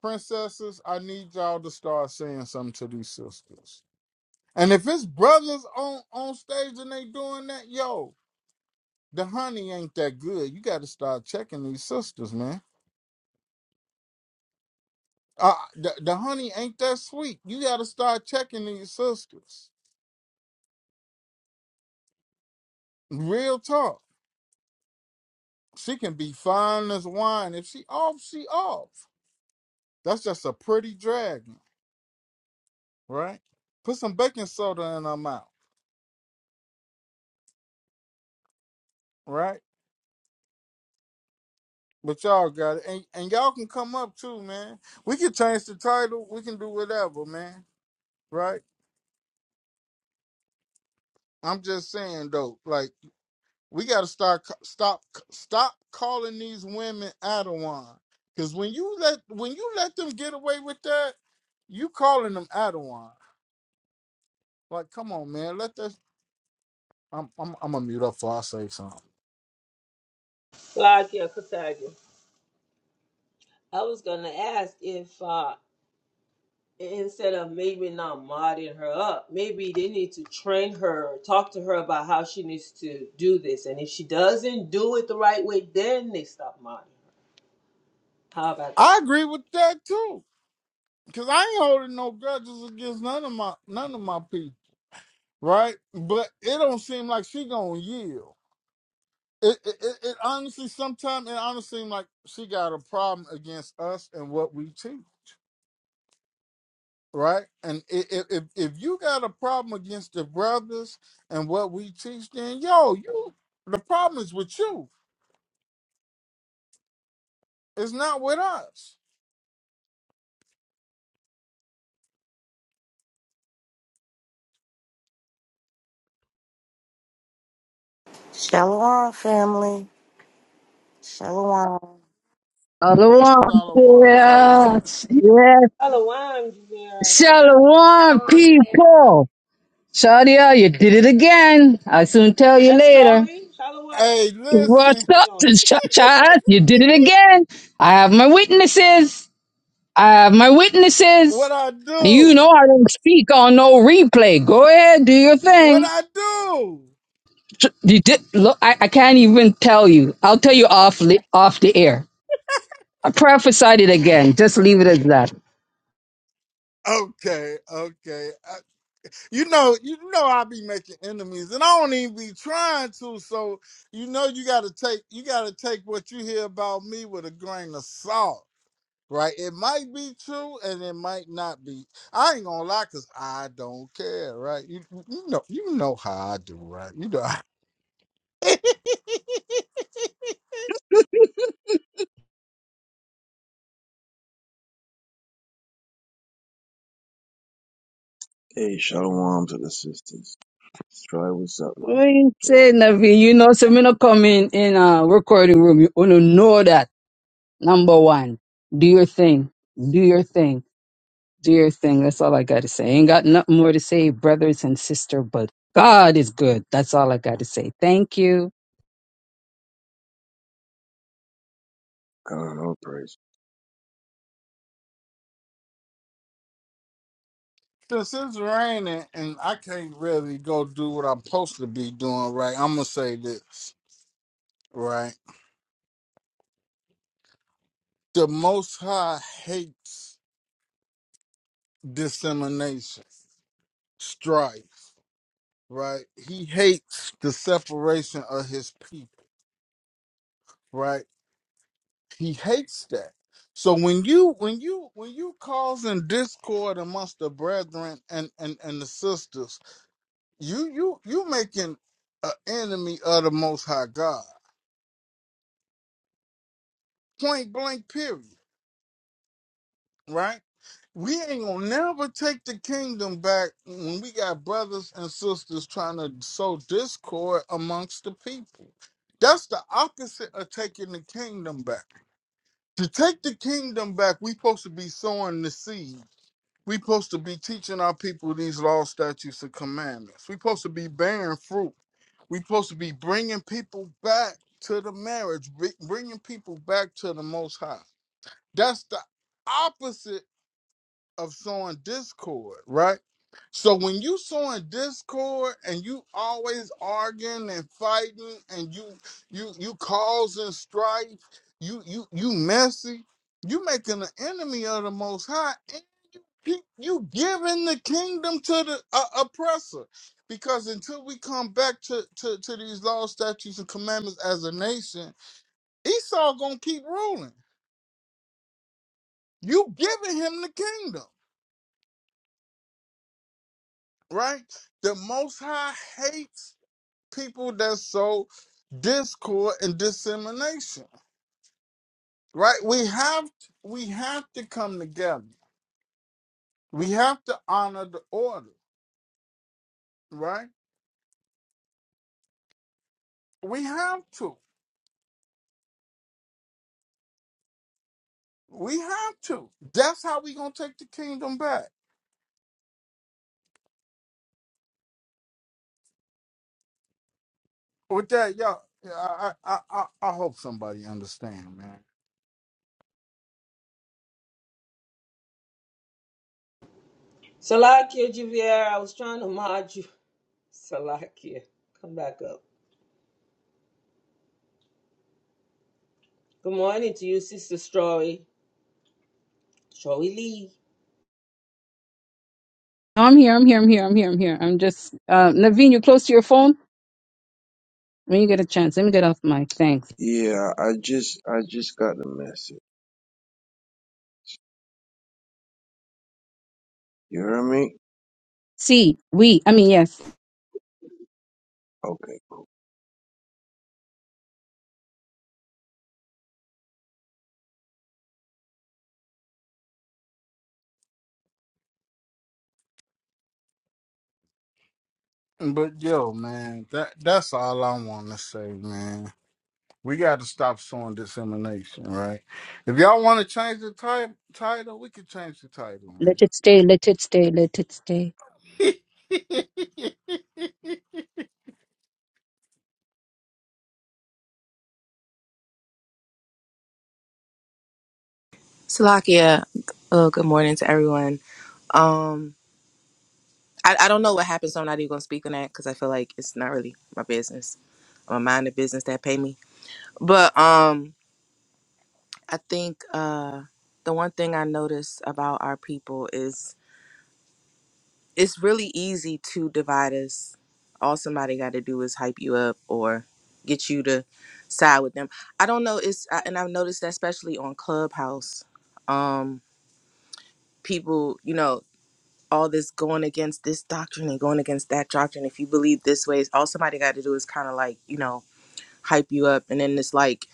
S10: princesses, I need y'all to start saying something to these sisters. And if it's brothers on on stage and they doing that, yo, the honey ain't that good. You got to start checking these sisters, man. Uh, the, the honey ain't that sweet. You got to start checking these sisters. Real talk. She can be fine as wine. If she off, she off. That's just a pretty dragon, right? Put some baking soda in her mouth, right? But y'all got it. And and y'all can come up too, man. We can change the title. We can do whatever, man. Right? I'm just saying though, like we gotta start c- stop c- stop calling these women Adawan. Cause when you let when you let them get away with that, you calling them Adawan. Like, come on, man. Let that I'm I'm I'm gonna mute up before I say something.
S1: thought, yeah, Kataja. I was gonna ask if uh, instead of maybe not modding her up, maybe they need to train her, talk to her about how she needs to do this, and if she doesn't do it the right way, then they stop modding. her. How about that?
S10: I agree with that too. Cause I ain't holding no grudges against none of my none of my people. right? But it don't seem like she gonna yield. It it, it, it honestly sometimes it honestly seem like she got a problem against us and what we teach, right? And i- i- if if you got a problem against the brothers and what we teach, then yo, you the problem is with you. It's not with us.
S11: Shalom, family. Shalom.
S12: Shalom,
S10: Salawam, Salawam.
S12: yes, yes.
S1: Shalom, yeah.
S12: Shalom,
S4: Shalom, Jameer.
S12: people. Shadia, you did it again. I soon tell you
S1: That's
S12: later.
S1: Charlie.
S10: Hey,
S1: Shalom.
S12: What's
S10: listen,
S12: up, Ch- child? You did it again. I have my witnesses. I have my
S10: what
S12: witnesses.
S10: I
S12: You
S10: do?
S12: know I don't speak on no replay. Go ahead, do your
S10: What
S12: thing.
S10: I do?
S12: Ch- You did, look, I, I can't even tell you. I'll tell you off li- off the air. I prophesied it again. Just leave it as that.
S10: Okay, okay. you know, you know, I be making enemies, and I don't even be trying to. So you know, you gotta take you gotta take what you hear about me with a grain of salt, right? It might be true, and it might not be. I ain't gonna lie, cause I don't care, right? You you know you know how I do, right? You know.
S8: Hey, shalom to the sisters. Try what's up,
S12: We
S8: mama.
S12: ain't
S8: Shalom.
S12: say nothing. You know, so me not come in in a recording room. You wanna know that. Number one, do your thing. Do your thing. Do your thing. That's all I gotta say. Ain't got nothing more to say, brothers and sister. But God is good. That's all I gotta say. Thank you.
S8: God, all praise.
S10: Since it's raining and I can't really go do what I'm supposed to be doing, right? I'm gonna say this, right? The Most High hates dissemination, strife. right? He hates the separation of his people, right? He hates that. So when you when you when you causing discord amongst the brethren and and and the sisters, you you you making an enemy of the Most High God, point blank, period, right? We ain't gonna never take the kingdom back when we got brothers and sisters trying to sow discord amongst the people. That's the opposite of taking the kingdom back to take the kingdom back, we supposed to be sowing the seed. We supposed to be teaching our people these laws, statutes, and commandments. We supposed to be bearing fruit. We supposed to be bringing people back to the marriage, br- bringing people back to the Most High. That's the opposite of sowing discord, right? So when you sowing discord and you always arguing and fighting and you you you causing strife, you you you messy, you making an enemy of the Most High, and you you giving the kingdom to the uh, oppressor. Because until we come back to, to, to these laws, statutes, and commandments as a nation, Esau gonna keep ruling. You giving him the kingdom. right? The Most High hates people that sow discord and dissemination, right? We have we have to come together. We have to honor the order, right? We have to. We have to. That's how we gonna take the kingdom back. With that, y'all, I I I, I hope somebody understand, man.
S1: Salakia Javier, I was trying to mod you. Salakia, come back up. Good morning to you, Sister Story. Joey Lee.
S12: No, I'm here. I'm here. I'm here. I'm here. I'm here. I'm just uh, Naveen. You close to your phone when you get a chance. Let me get off mic. Thanks.
S8: Yeah, I just, I just got the message. You hear me?
S12: See, we. I mean, yes.
S8: Okay.
S10: But yo, man, that that's all I want to say, man. We got to stop sowing dissemination, right? If y'all want to change the ti- title, we can change the title, man.
S12: Let it stay. Let it stay. Let it stay.
S9: Salakia. Oh, good morning to everyone. Um, I, I don't know what happened, so I'm not even gonna speak on that because I feel like it's not really my business. I'm a mind the business that pay me. But um, I think uh, the one thing I notice about our people is it's really easy to divide us. All somebody got to do is hype you up or get you to side with them. I don't know. It's I, and I've noticed that especially on Clubhouse. Um, people, you know, all this going against this doctrine and going against that doctrine. If you believe this way, all somebody got to do is kind of like, you know, hype you up. And then it's like,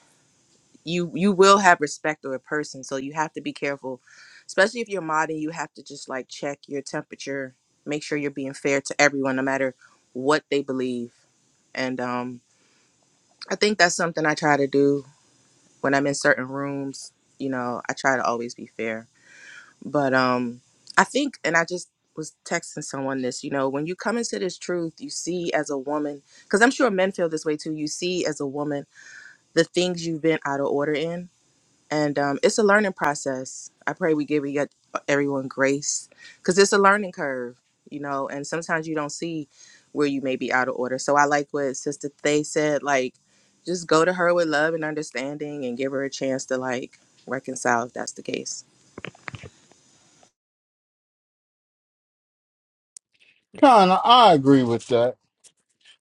S9: you you will have respect for a person. So you have to be careful, especially if you're modding, you have to just like check your temperature, make sure you're being fair to everyone, no matter what they believe. And um, I think that's something I try to do when I'm in certain rooms. You know, I try to always be fair. but um i think and i just was texting someone this you know when you come into this truth you see as a woman because i'm sure men feel this way too you see as a woman the things you've been out of order in and um, it's a learning process i pray we give we get everyone grace because it's a learning curve you know and sometimes you don't see where you may be out of order so i like what sister Thay said like just go to her with love and understanding and give her a chance to like reconcile if that's the case
S10: Kind of, I agree with that.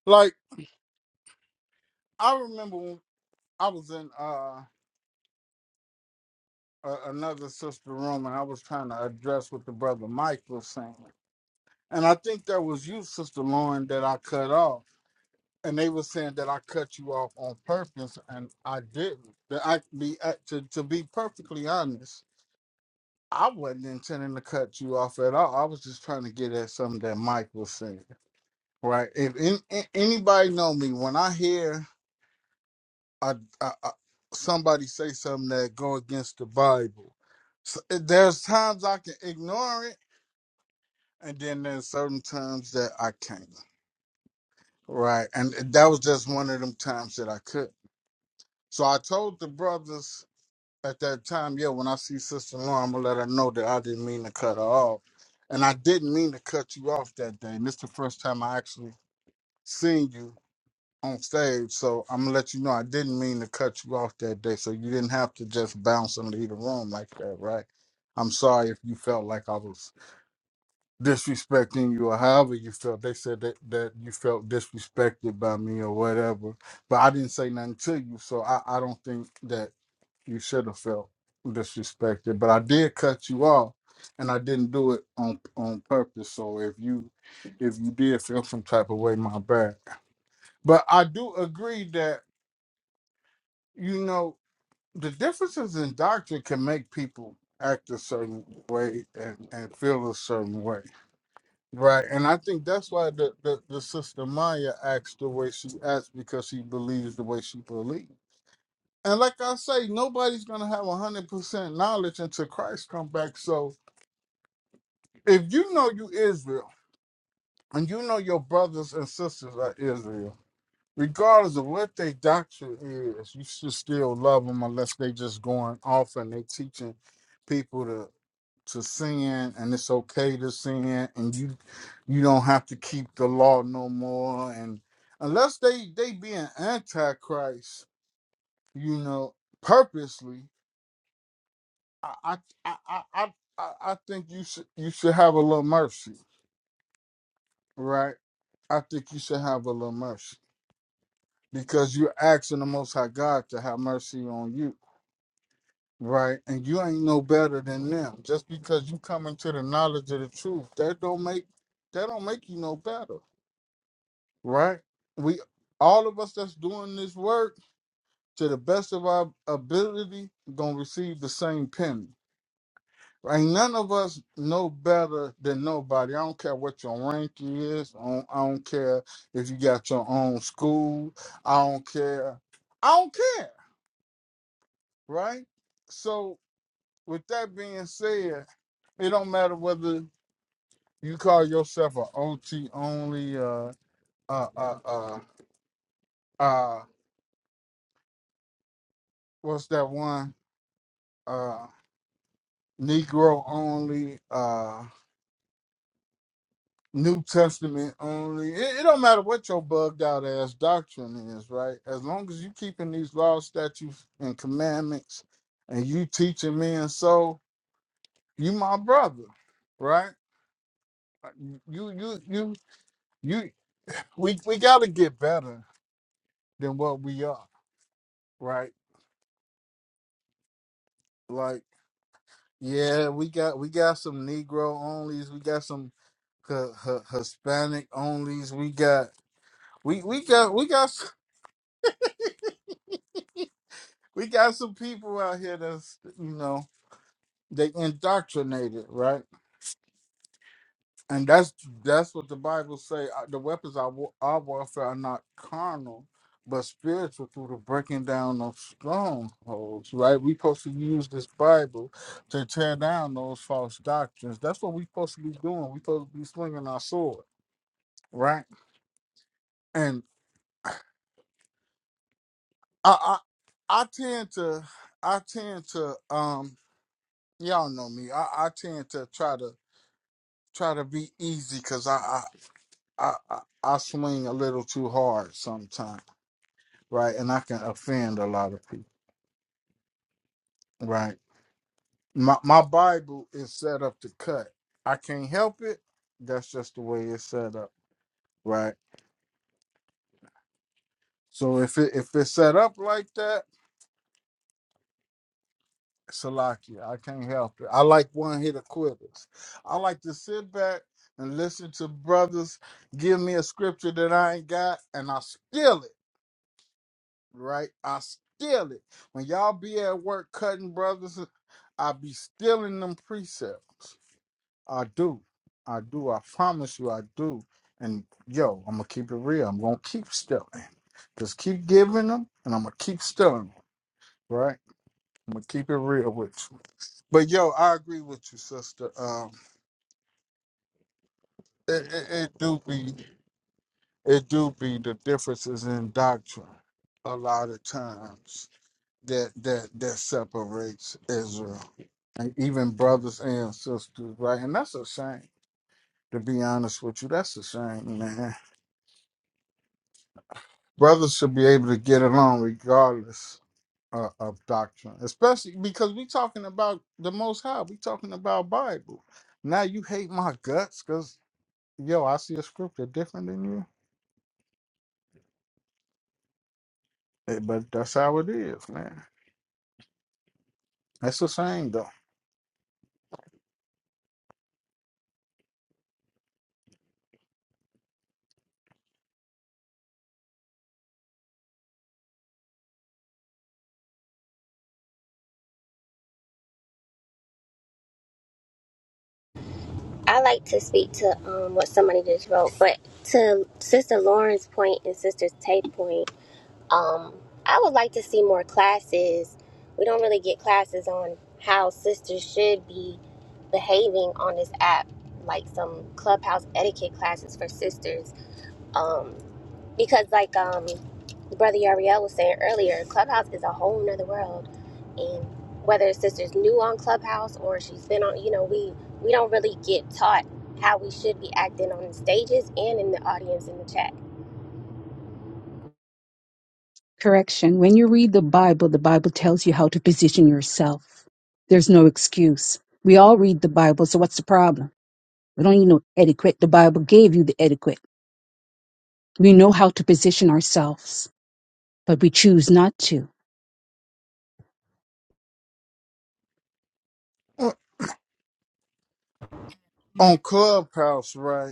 S10: Like, I remember when I was in uh, a- another sister room and I was trying to address what the brother Mike was saying. And I think that was you, Sister Lauren, that I cut off. And they were saying that I cut you off on purpose, and I didn't. That I be uh, to, to be perfectly honest. I wasn't intending to cut you off at all. I was just trying to get at something that Mike was saying, right? If in, a- anybody know me, when I hear I, I, I, somebody say something that go against the Bible, so, there's times I can ignore it, and then there's certain times that I can't, right? And that was just one of them times that I could. So I told the brothers at that time, yeah, when I see Sister Lauren, I'm gonna let her know that I didn't mean to cut her off. And I didn't mean to cut you off that day. And this the first time I actually seen you on stage. So I'm gonna let you know I didn't mean to cut you off that day. So you didn't have to just bounce and leave the room like that, right? I'm sorry if you felt like I was disrespecting you or however you felt. They said that, that you felt disrespected by me or whatever. But I didn't say nothing to you, so I, I don't think that you should have felt disrespected. But I did cut you off and I didn't do it on on purpose. So if you if you did feel some type of way, my bad. But I do agree that, you know, the differences in doctrine can make people act a certain way and, and feel a certain way Right, and I think that's why the, the, the sister Maya acts the way she acts because she believes the way she believes. And like I say, nobody's gonna have hundred percent knowledge until Christ come back. So if you know you Israel and you know your brothers and sisters are Israel, regardless of what their doctrine is, you should still love them unless they just going off and they teaching people to sin and it's okay to sin and you you don't have to keep the law no more and unless they they being antichrist you know purposely i i i i, I I I think you should you should have a little mercy, right? I think you should have a little mercy because you're asking the Most High God to have mercy on you, right? And you ain't no better than them. Just because you come into the knowledge of the truth, that don't make that don't make you no better. right? We all of us that's doing this work to the best of our ability gonna receive the same penny. Ain't none of us know better than nobody. I don't care what your rank is. I don't, I don't care if you got your own school. I don't care. I don't care, right? So with that being said, it don't matter whether you call yourself a OT only, uh, uh, uh, uh, uh what's that one? Uh, Negro only, uh, New Testament only. It, it don't matter what your bugged out ass doctrine is, right? As long as you keeping these laws, statutes, and commandments, and you teaching men so, you my brother, right? You, you, you, you. We we got to get better than what we are, right? Like, yeah, we got we got some Negro onlys, we got some H- H- Hispanic onlys, we got we we got we got we got some people out here that's you know they indoctrinated right and that's that's what the bible say uh, the weapons of wa- our warfare are not carnal but spiritual through the breaking down of strongholds right we supposed to use this bible to tear down those false doctrines that's what we supposed to be doing we supposed to be swinging our sword right and i i, I tend to i tend to um y'all know me i, I tend to try to try to be easy because I, I I I I swing a little too hard sometimes, right? And I can offend a lot of people, right? My my Bible is set up to cut. I can't help it. That's just the way it's set up, right? So if it if it's set up like that, Salakia, I can't help it. I like one hit quitters. I like to sit back and listen to brothers give me a scripture that I ain't got, and I steal it right? I steal it. When y'all be at work cutting brothers, uh, I be stealing them precepts. I do. I do. I promise you I do. And yo, I'm gonna keep it real. I'm gonna keep stealing. Just keep giving them and I'm gonna keep stealing them, right? I'm gonna keep it real with you. But yo, I agree with you, sister. Um it, it, it do be it do be the differences in doctrine a lot of times that that that separates Israel, and even brothers and sisters, right? And that's a shame. To be honest with you, that's a shame, man. Brothers should be able to get along regardless uh, of doctrine, especially because we talking about the Most High. We talking about Bible. Now you hate my guts because yo, I see a scripture different than you. Eh, But that's how it is, man. That's a shame though.
S4: I like to speak to um, what somebody just wrote, but to Sister Lauren's point and Sister Tate's point, um, I would like to see more classes. We don't really get classes on how sisters should be behaving on this app, like some clubhouse etiquette classes for sisters um, because like um brother Yariel was saying earlier, Clubhouse is a whole nother world. And whether sister's new on Clubhouse or she's been on, you know, we we don't really get taught how we should be acting on the stages and in the audience in the chat.
S12: Correction. When you read the Bible, the Bible tells you how to position yourself. There's no excuse. We all read the Bible, so what's the problem? We don't need no etiquette. The Bible gave you the etiquette. We know how to position ourselves, but we choose not to.
S10: On on Clubhouse, right?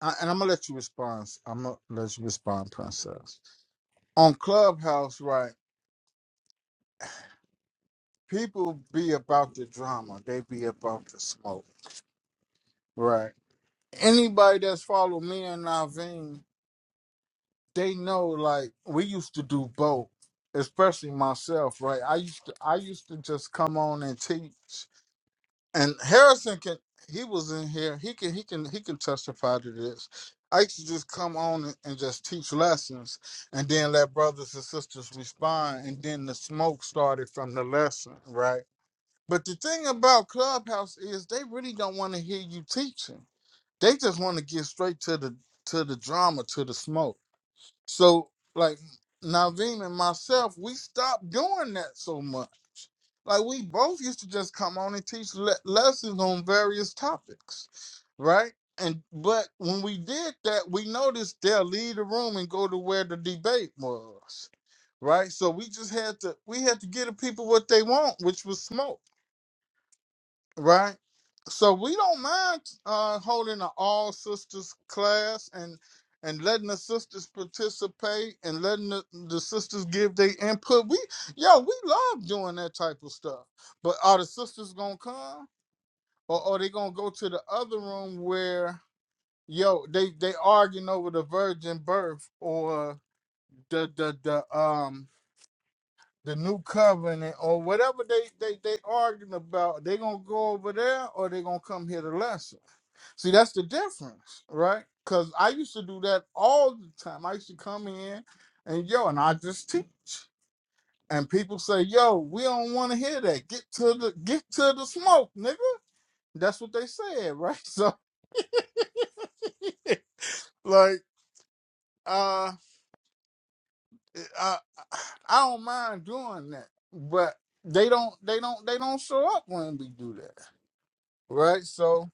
S10: I, and I'm gonna let you respond. I'm gonna let you respond, Princess. On Clubhouse, right? People be about the drama. They be about the smoke, right? Anybody that's followed me and Naveen, they know. Like we used to do both, especially myself, right? I used to, I used to just come on and teach. and Harrison can he was in here. He can he can he can testify to this. I used to just come on and and just teach lessons and then let brothers and sisters respond and then the smoke started from the lesson, right? But the thing about Clubhouse is they really don't want to hear you teaching. They just want to get straight to the to the drama, to the smoke. So like Naveen and myself, we stopped doing that so much. Like we both used to just come on and teach le- lessons on various topics, right? And but when we did that, we noticed they'll leave the room and go to where the debate was, right? So we just had to we had to give the people what they want, which was smoke right? So we don't mind uh, holding an all sisters class and and letting the sisters participate and letting the, the sisters give their input. We yo, we love doing that type of stuff. But are the sisters gonna come or are they gonna go to the other room where yo they they arguing over the virgin birth or the the the um the new covenant or whatever they they they arguing about? They gonna go over there or they gonna come here to lesson? See, that's the difference, right? Because I used to do that all the time. I used to come in and yo, and I just teach. And people say, yo, we don't want to hear that. Get to the get to the smoke, nigga. That's what they said, right? So like uh I, I don't mind doing that. But they don't they don't they don't show up when we do that. Right? So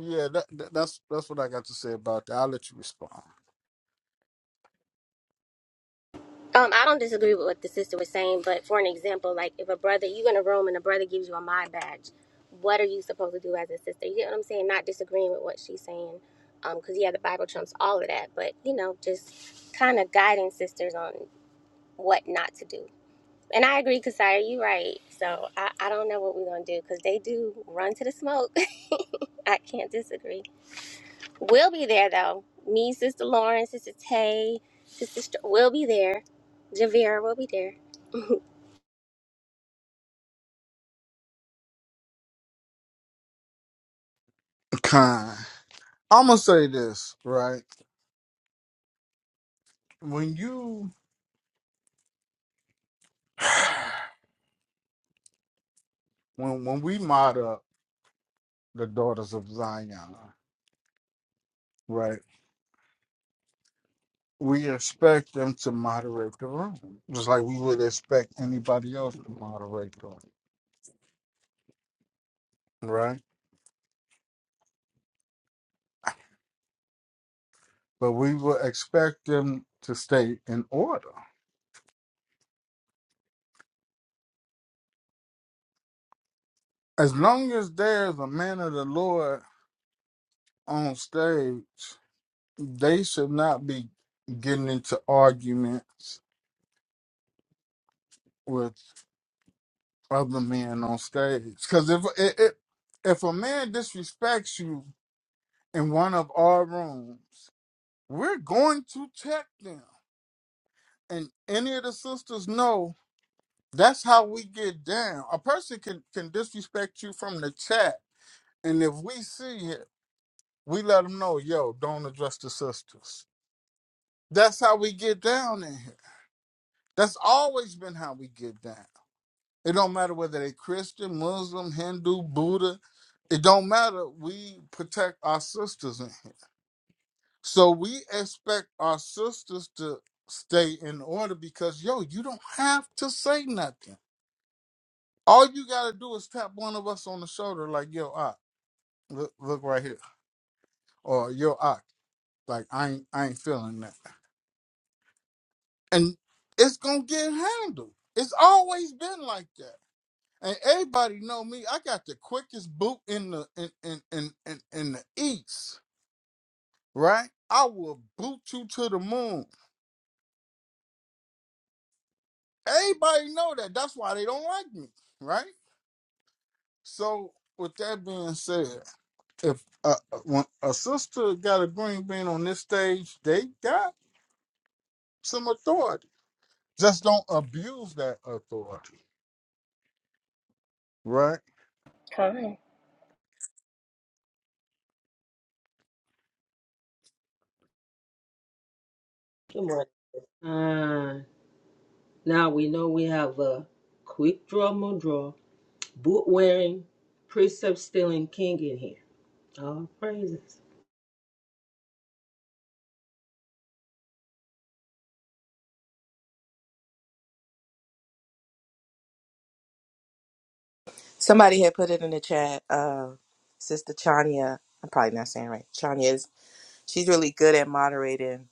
S10: yeah, that, that that's that's what I got to say about that. I'll let you respond.
S4: Um, I don't disagree with what the sister was saying, but for an example, like if a brother you in a room and a brother gives you a my badge, what are you supposed to do as a sister? You get what I'm saying? Not disagreeing with what she's saying, because yeah, the Bible trumps all of that, but you know, just kind of guiding sisters on what not to do. And I agree, Kasaya, you're right. So I, I don't know what we're gonna do because they do run to the smoke. I can't disagree. We'll be there though. Me, Sister Lauren, Sister Tay, Sister Str- we'll be there. Javira will be there.
S10: Kind. I'm gonna say this, right? when you when when we mod up the daughters of Zion, right? We expect them to moderate the room, just like we would expect anybody else to moderate the room, right? But we will expect them to stay in order. As long as there's a man of the Lord on stage, they should not be getting into arguments with. other men on stage. Because if it, it, if a man disrespects you in one of our rooms, we're going to check them. And any of the sisters know that's how we get down. A person can can disrespect you from the chat, and if we see it, we let them know, yo, don't address the sisters. That's how we get down in here. That's always been how we get down. It don't matter whether they Christian, Muslim, Hindu, Buddha. It don't matter. We protect our sisters in here. So we expect our sisters to stay in order because yo, you don't have to say nothing. All you gotta do is tap one of us on the shoulder, like yo, I look, look right here, or yo, I like I ain't I ain't feeling that, and it's gonna get handled. It's always been like that. And everybody know me. I got the quickest boot in the in in in in, in the east, right? I will boot you to the moon. Everybody know that. That's why they don't like me, right? So with that being said, if uh, uh, when a sister got a green bean on this stage, they got some authority. Just don't abuse that authority, right?
S4: Kind.
S1: Good morning. Ah, now we know we have a quick draw, mo draw, boot wearing, precept stealing king in here. All praises.
S9: Somebody had put it in the chat. Uh, Sister Chania, I'm probably not saying it right. Chania is she's really good at moderating.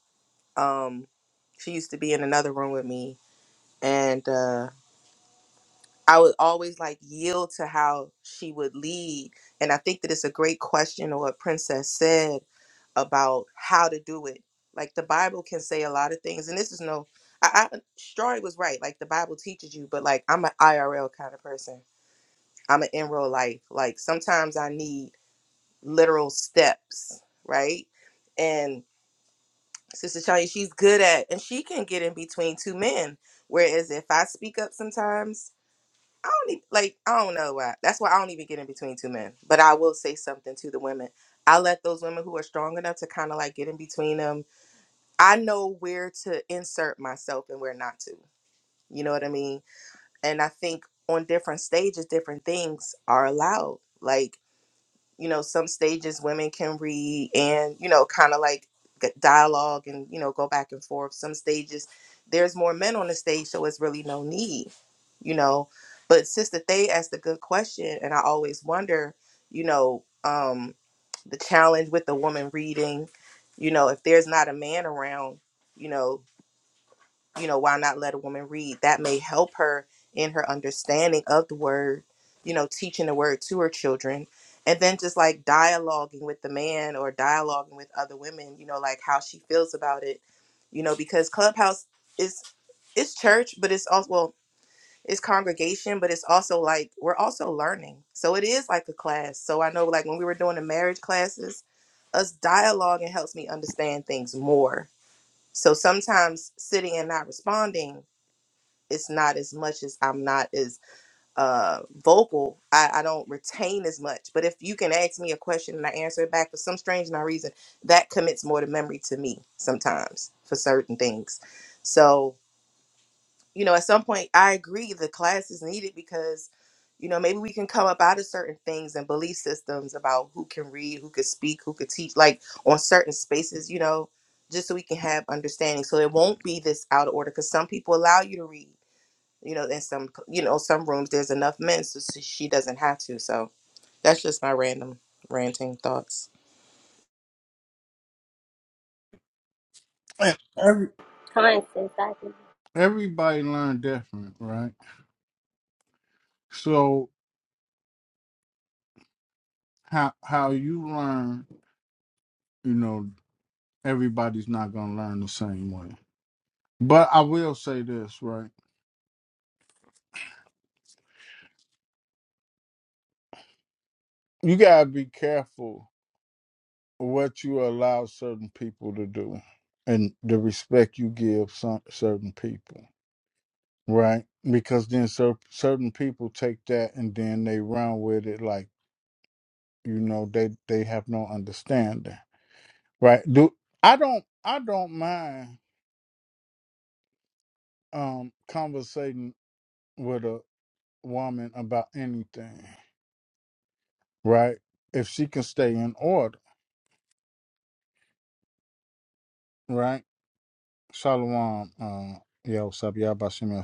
S9: Um, she used to be in another room with me, and uh, I would always like yield to how she would lead. And I think that it's a great question or what Princess said about how to do it. Like the Bible can say a lot of things, and this is no. I, I Stroy was right. Like the Bible teaches you, but like I'm an IRL kind of person. I'm an in real life. Like sometimes I need literal steps, right? And Sister Shania, she's good at, and she can get in between two men. Whereas if I speak up sometimes, I don't even, like, I don't know why. That's why I don't even get in between two men. But I will say something to the women. I let those women who are strong enough to kind of like get in between them. I know where to insert myself and where not to. You know what I mean? And I think on different stages, different things are allowed. Like, you know some stages women can read and you know kind of like g- dialogue and you know go back and forth some stages there's more men on the stage so it's really no need you know but sister they asked a good question and i always wonder you know um the challenge with the woman reading you know if there's not a man around you know you know, why not let a woman read? That may help her in her understanding of the word, you know, teaching the word to her children. And then just like dialoguing with the man or dialoguing with other women, you know, like how she feels about it, you know, because Clubhouse is it's church, but it's also well, it's congregation, but it's also like we're also learning. So it is like a class. So I know like when we were doing the marriage classes, us dialoguing helps me understand things more. So sometimes sitting and not responding it's not as much as I'm not as uh vocal. I, I don't retain as much. But if you can ask me a question and I answer it back for some strange no reason, that commits more to memory to me sometimes for certain things. So, you know, at some point I agree the class is needed because, you know, maybe we can come up out of certain things and belief systems about who can read, who can speak, who could teach, like on certain spaces, you know, just so we can have understanding. So it won't be this out of order because some people allow you to read you know in some you know some rooms there's enough men so, so she doesn't have to so that's just my random ranting thoughts
S10: And every
S4: Kind since I can
S10: everybody learn different, right? So how how you learn, you know. everybody's not going to learn the same way. But I will say this, right? You got to be careful what you allow certain people to do and the respect you give some, certain people, right? Because then cer- certain people take that and then they run with it like, you know, they they have no understanding, right? Do I don't I don't mind um conversating with a woman about anything, right? If she can stay in order Right? Shalom. Uh, yeah, what's up? Y'all about me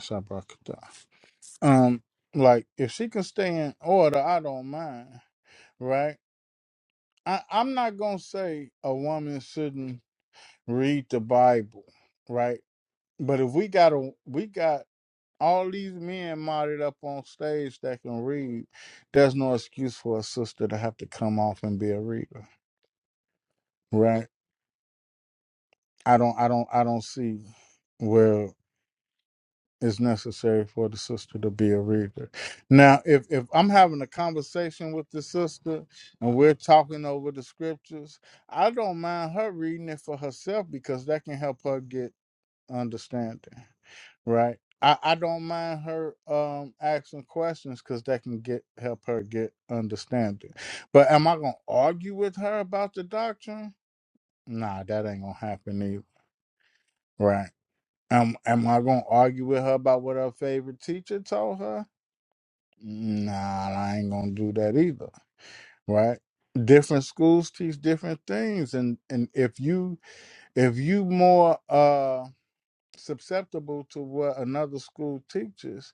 S10: Um, like if she can stay in order, I don't mind. Right? I, I'm not gonna say a woman shouldn't read the Bible, right? But if we got a we got all these men modded up on stage that can read, there's no excuse for a sister to have to come off and be a reader. Right? I don't I don't I don't see where is necessary for the sister to be a reader. Now, if if I'm having a conversation with the sister and we're talking over the scriptures, I don't mind her reading it for herself because that can help her get understanding, right? I, I don't mind her um asking questions because that can get help her get understanding. But am I gonna argue with her about the doctrine? Nah, that ain't gonna happen either, right? Am am I gonna argue with her about what her favorite teacher told her? Nah, I ain't gonna do that either. Right? Different schools teach different things, and and if you if you more uh susceptible to what another school teaches,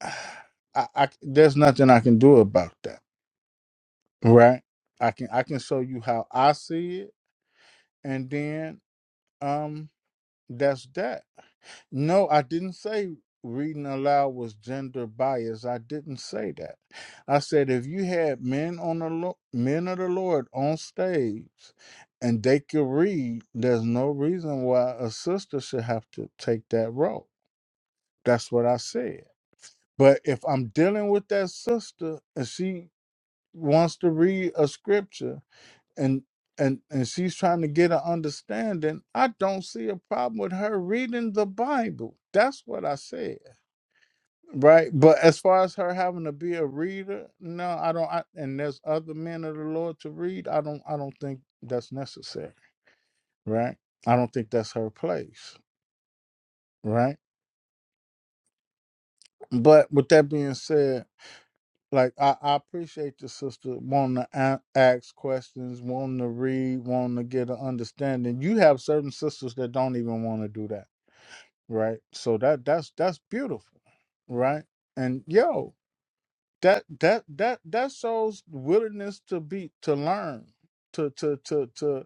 S10: I, I there's nothing I can do about that. Right? I can I can show you how I see it, and then um That's that. No, I didn't say reading aloud was gender bias. I didn't say that. I said if you had men on the lo- men of the Lord on stage and they could read, there's no reason why a sister should have to take that role. That's what I said. But if I'm dealing with that sister and she wants to read a scripture and and and she's trying to get an understanding i don't see a problem with her reading the bible that's what i said right but as far as her having to be a reader no i don't I, and there's other men of the lord to read i don't i don't think that's necessary right i don't think that's her place right but with that being said like i, I appreciate the sister wanting to a- ask questions wanting to read wanting to get an understanding you have certain sisters that don't even want to do that right? So that that's that's beautiful, right? And yo, that that that that shows willingness to be to learn, to to to to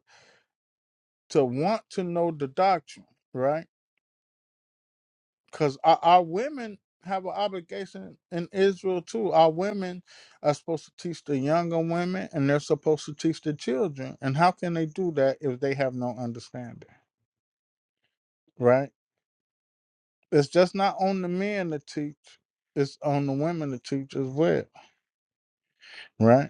S10: to want to know the doctrine, right? Because our, our women have an obligation in Israel too. Our women are supposed to teach the younger women, and they're supposed to teach the children. And how can they do that if they have no understanding, right? It's just not on the men to teach; it's on the women to teach as well Right.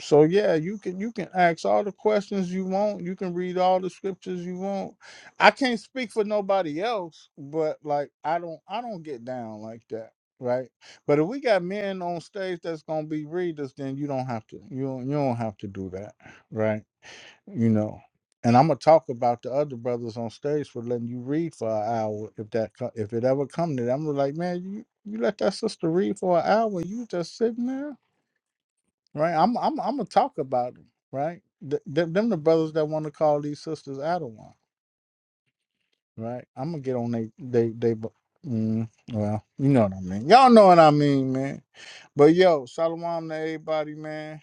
S10: So yeah, you can you can ask all the questions you want. You can read all the scriptures you want. I can't speak for nobody else, but like I don't I don't get down like that, right? But if we got men on stage that's gonna be readers, then you don't have to you don't, you don't have to do that, right? You know. And I'm gonna talk about the other brothers on stage for letting you read for an hour if that co- if it ever come to that. I'm like, man, you you let that sister read for an hour, you just sitting there right? I'm I'm I'm gonna talk about them, right? Th- them, them the brothers that want to call these sisters Adawan, right? I'm gonna get on they they they. bu- Mm, well, you know what I mean. Y'all know what I mean, man. But yo, shalom to everybody, man.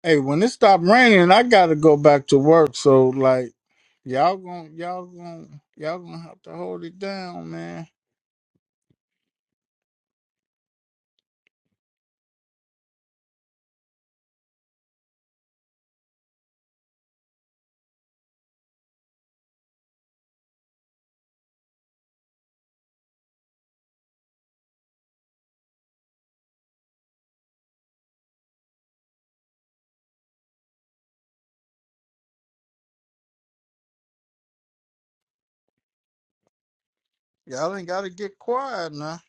S10: Hey, when it stopped raining, I gotta go back to work. So like, y'all gonna y'all gonna y'all gonna have to hold it down, man. Y'all ain't gotta get quiet now.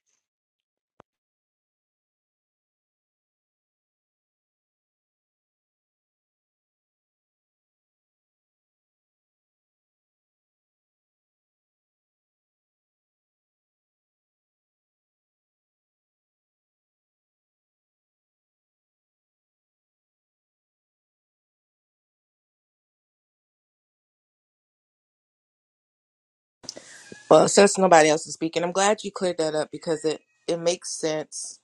S9: well since nobody else is speaking i'm glad you cleared that up because it it makes sense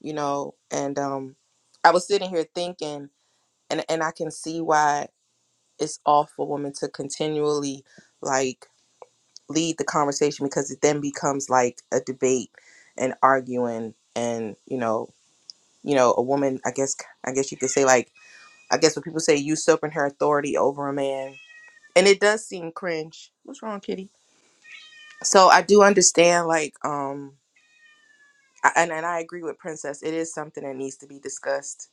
S9: you know and um i was sitting here thinking and and i can see why it's off for women to continually like lead the conversation because it then becomes like a debate and arguing and you know you know a woman i guess i guess you could say like I guess when people say usurping her authority over a man, and it does seem cringe. What's wrong, Kitty? So I do understand, like, um, I, and and I agree with Princess. It is something that needs to be discussed,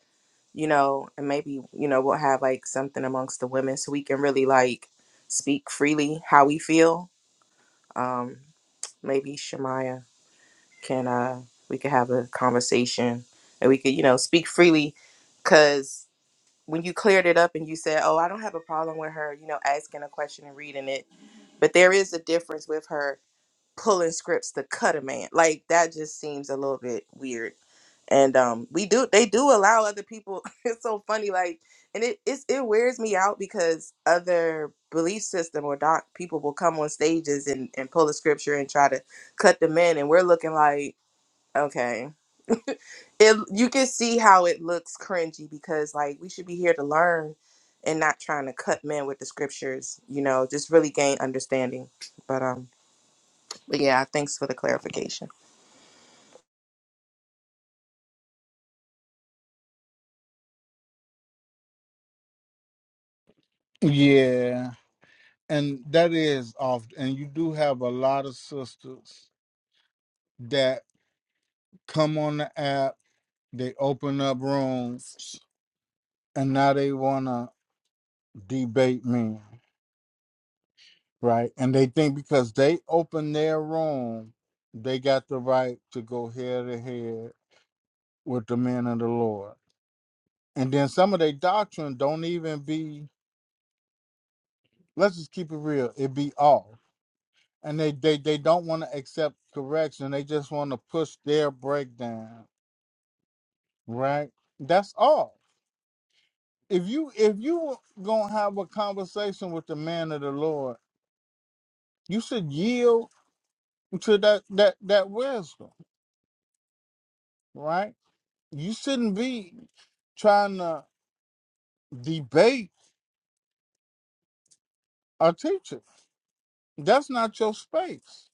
S9: you know, and maybe you know we'll have like something amongst the women so we can really like speak freely how we feel. Um, maybe Shemaya can uh we could have a conversation and we could you know speak freely, cause when you cleared it up and you said, "Oh, I don't have a problem with her," you know, asking a question and reading it, but there is a difference with her pulling scripts to cut a man. Like that just seems a little bit weird. And um, we do they do allow other people. it's so funny, like, and it it's, it wears me out because other belief system or doc people will come on stages and and pull the scripture and try to cut the men, and we're looking like, okay it you can see how it looks cringy because like we should be here to learn and not trying to cut men with the scriptures you know just really gain understanding but um but yeah thanks for the clarification
S10: Yeah, and that is off. And you do have a lot of sisters come on the app, they open up rooms, and now they wanna debate me, right? And they think because they open their room, they got the right to go head to head with the men of the Lord. And then some of their doctrine don't even be, let's just keep it real, it be off. And they, they, they don't want to accept correction. They just want to push their breakdown, right? That's all if you if you gonna have a conversation with the man of the Lord, you should yield to that that that wisdom, right? You shouldn't be trying to debate a teacher. That's not your space,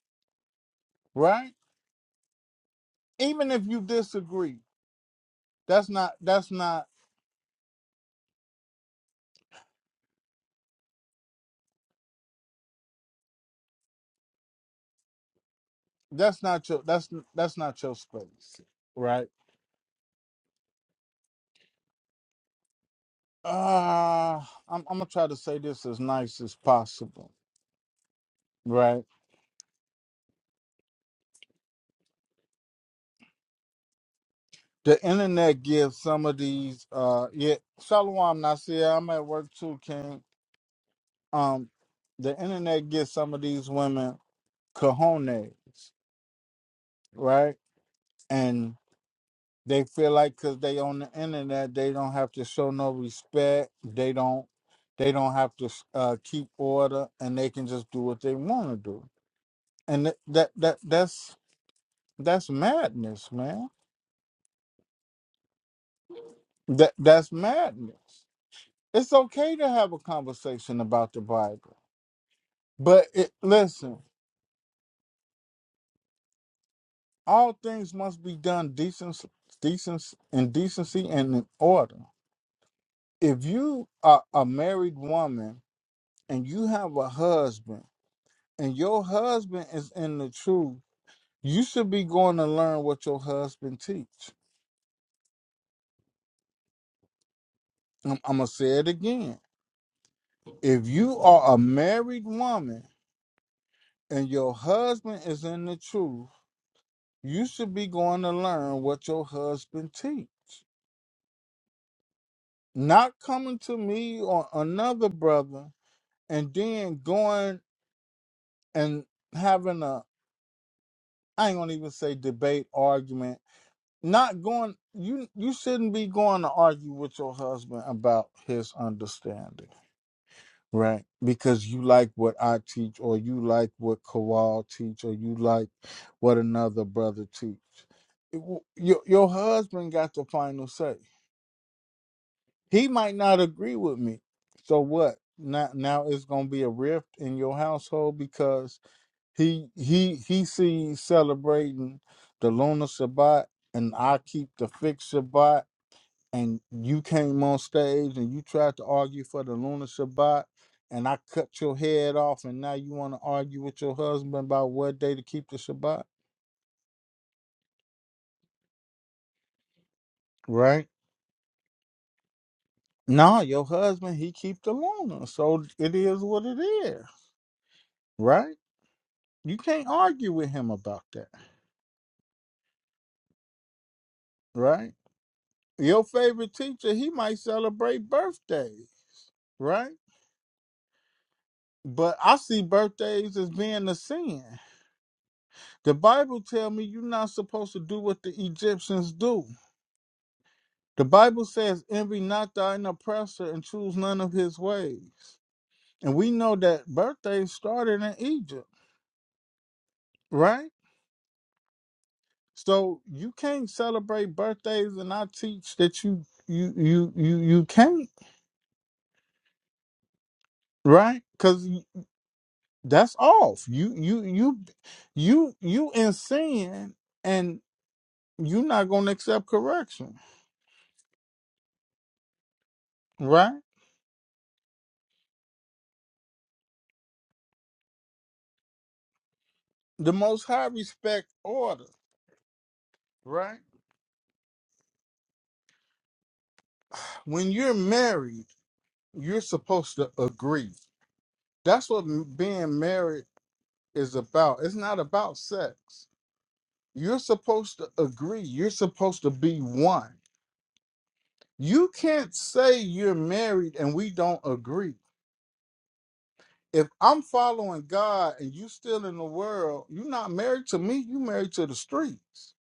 S10: right? Even if you disagree, that's not that's not that's not your that's that's not your space, right? Uh I'm I'm gonna try to say this as nice as possible, right? the internet gives some of these uh yeah Shalom Nasir, I'm at work too, King. Um the internet gives some of these women cojones, right? And they feel like cause they on the internet, they don't have to show no respect. They don't they don't have to uh keep order and they can just do what they want to do. And th- that that that's that's madness, man. That that's madness. It's okay to have a conversation about the Bible But it, listen, all things must be done decent, decent, in decency and in order. If you are a married woman and you have a husband, and your husband is in the truth, you should be going to learn what your husband teach. I'm, I'm gonna say it again. If you are a married woman and your husband is in the truth, you should be going to learn what your husband teach. not coming to me or another brother and then going and having a I ain't gonna even say debate argument. Not going you you shouldn't be going to argue with your husband about his understanding, right? Because you like what I teach or you like what Kowal teach or you like what another brother teach. It w- Your your husband got the final say he might not agree with me. So what? Now now it's gonna be a rift in your household because he he he sees celebrating the Lunar Sabbat and I keep the fixed Sabbat and you came on stage and you tried to argue for the Lunar Sabbat and I cut your head off and now you wanna argue with your husband about what day to keep the Shabbat, right? No, your husband he keep the lunar, so it is what it is, right? You can't argue with him about that, right? Your favorite teacher, he might celebrate birthdays, right? But I see birthdays as being a sin. The Bible tell me you're not supposed to do what the Egyptians do. The Bible says, envy not thine oppressor and choose none of his ways. And we know that birthdays started in Egypt, right? So you can't celebrate birthdays and I teach that you you you you you can't right? Because that's off. You you you you you in sin and you are not gonna accept correction, right? The most high respect order, right? When you're married, you're supposed to agree. That's what m- being married is about. It's not about sex. You're supposed to agree. You're supposed to be one. You can't say you're married and we don't agree if I'm following God and you still in the world, you're not married to me, you married to the streets.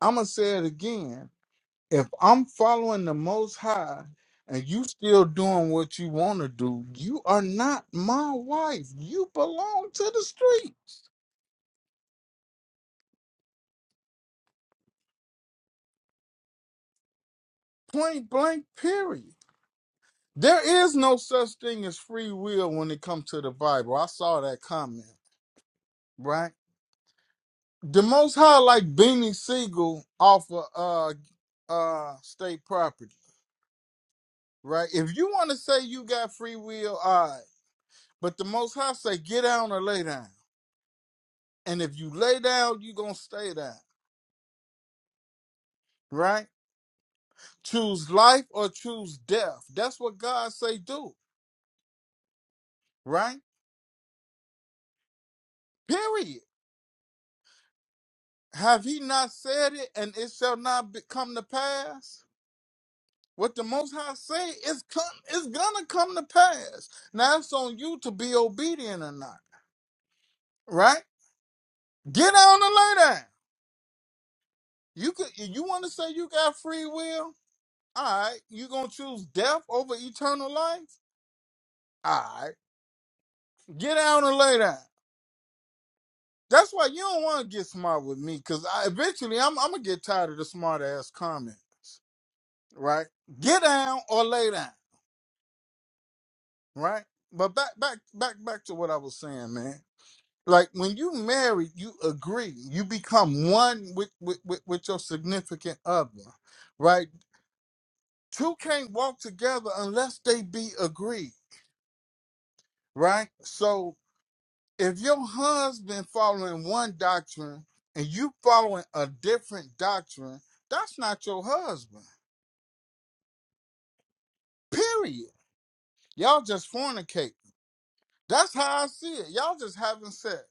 S10: I'ma say it again. If I'm following the most high and you still doing what you want to do, you are not my wife. You belong to the streets. Point blank period. There is no such thing as free will when it comes to the Bible. I saw that comment, right? The most high like Beanie Siegel off of uh uh state property. right? If you want to say you got free will, all right. But the Most High say, get down or lay down. And if you lay down, you going to stay down, right? Choose life or choose death. That's what God say do, right? Period. Have he not said it and it shall not be, come to pass? What the Most High say is come, it's gonna come to pass. Now it's on you to be obedient or not, right? Get down and lay down. You could, you want to say you got free will? All right, you gonna choose death over eternal life? All right, get down and lay down. That's why you don't want to get smart with me, cause I, eventually I'm, I'm gonna get tired of the smart ass comments, right? Get down or lay down, right? But back, back, back, back to what I was saying, man. Like when you marry, you agree, you become one with with with, with your significant other, right? Two can't walk together unless they be agreed, right? So if your husband following one doctrine and you following a different doctrine, that's not your husband. Period. Y'all just fornicating. That's how I see it. Y'all just having sex.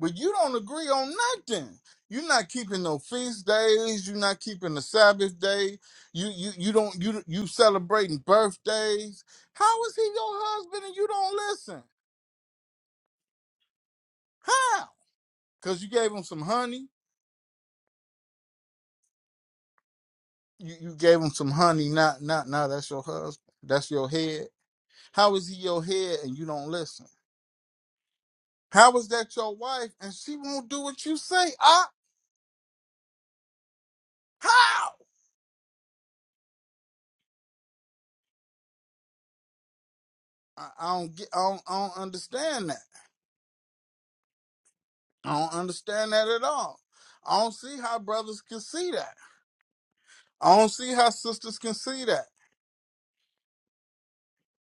S10: But you don't agree on nothing. You're not keeping no feast days. You're not keeping the Sabbath day. You you you don't you you celebrating birthdays. How is he your husband and you don't listen? How? Cause you gave him some honey. You you gave him some honey. Not not now. That's your husband. That's your head. How is he your head and you don't listen? How is that your wife and she won't do what you say? Ah, how? I, I don't get. I don't, I don't understand that. I don't understand that at all. I don't see how brothers can see that. I don't see how sisters can see that.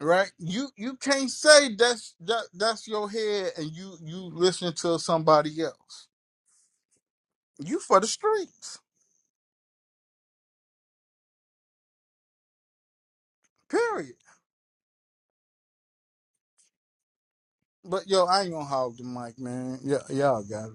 S10: Right? You you can't say that's that that's your head and you you listen to somebody else. You for the streets. Period. But yo, I ain't gonna hog the mic, man. Yeah, y'all got it.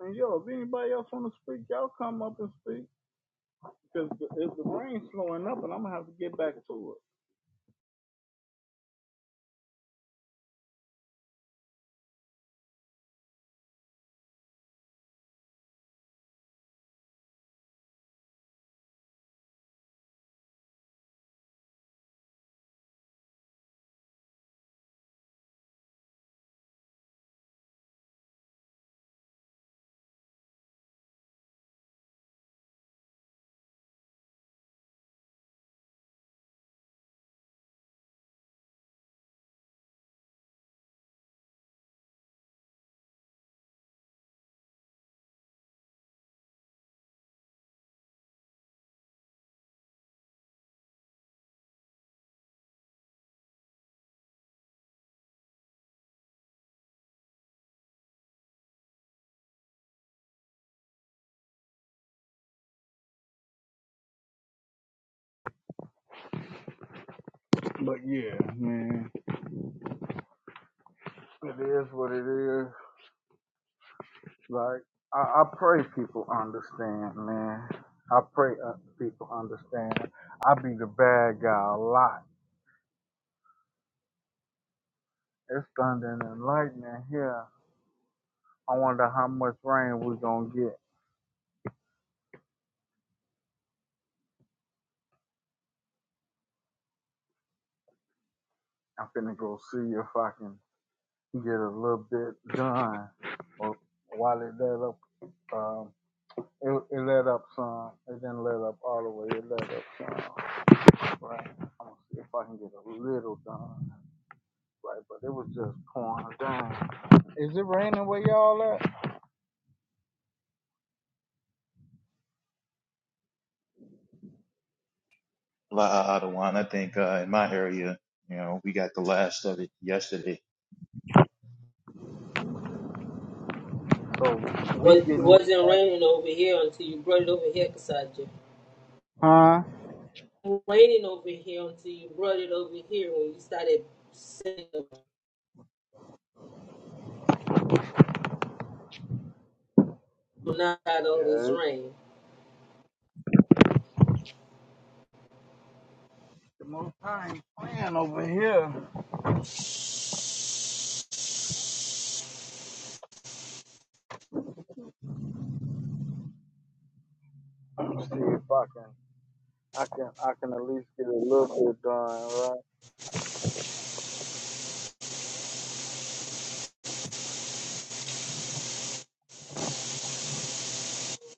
S2: And yo, if anybody else want to speak, y'all come up and speak because the, if the rain's slowing up, and I'm gonna have to get back to it. But yeah, man, it is what it is. Like I, I pray people understand, man. I pray uh, people understand. I be the bad guy a lot. It's thunder and lightning here. I wonder how much rain we gonna get. I'm finna go see if I can. you get a little bit done, or while it let up, um, it, it let up some. It didn't let up all the way. It let up some, right? I'm gonna see if I can get a little done, right? But it was just pouring down. Is it raining where y'all at?
S13: La Adawan. I think uh, in my area, you know, we got the last of it yesterday.
S2: So we
S1: Well, it
S2: getting with
S1: wasn't
S2: that,
S1: raining over here until you brought it over here, Kasaja.
S2: huh?
S1: Raining over here until you brought it over here when you started saying, not all this
S2: Yeah, it's
S1: rain.
S2: the most time playing over here. I'm gonna see if I can, I can, I can at least get a little bit done, right?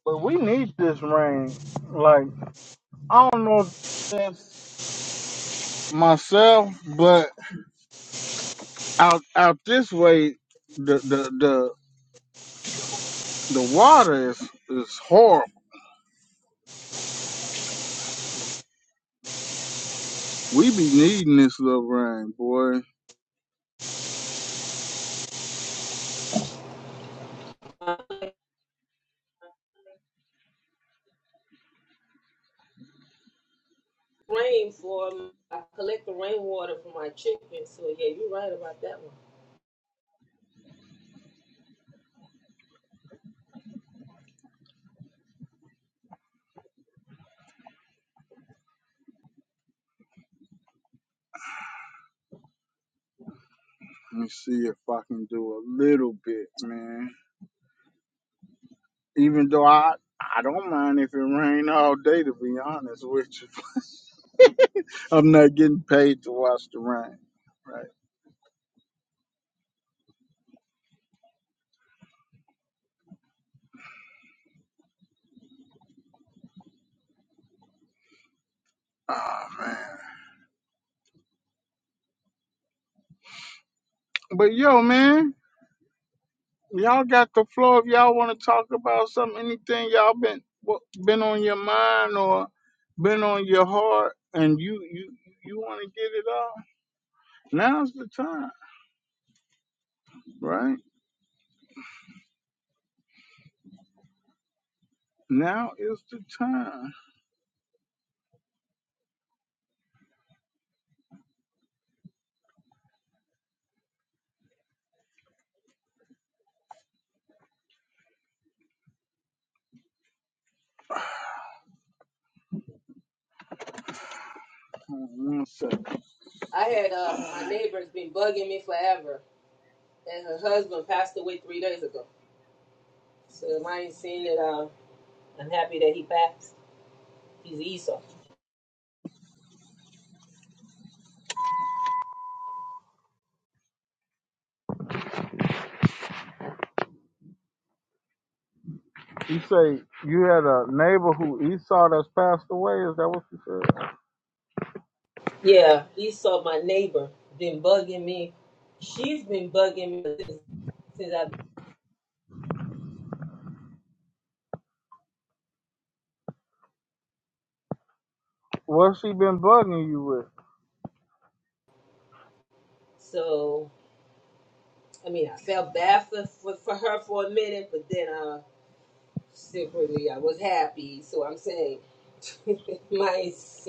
S2: But we need this rain, like. I don't know if that's myself, but out out this way, the the the, the water is is horrible. We be needing this little rain, boy. Let
S1: rain for um, I collect the rainwater for my chickens. So yeah, you're right about that one.
S2: me see if I can do a little bit, man. Even though I I don't mind if it rain all day, to be honest with you. I'm not getting paid to watch the rain. But yo, man, Y'all got the floor if y'all want to talk about something, anything y'all been what, been on your mind or been on your heart, and you you you want to get it off Now's the time, right? Now is the time. Hold on One second.
S1: I had uh, my neighbor's been bugging me forever, and her husband passed away three days ago. So if I ain't seen it. Uh, I'm happy that he passed. He's Esau.
S2: You say you had a neighbor who Esau that's passed away. Is that what you said?
S1: Yeah, Esau, my neighbor, been bugging me. She's been bugging me since, since I.
S2: What's she been bugging you with?
S1: So I mean, I felt bad for, for for her for a minute, but then uh, secretly I was happy. So I'm saying my sin.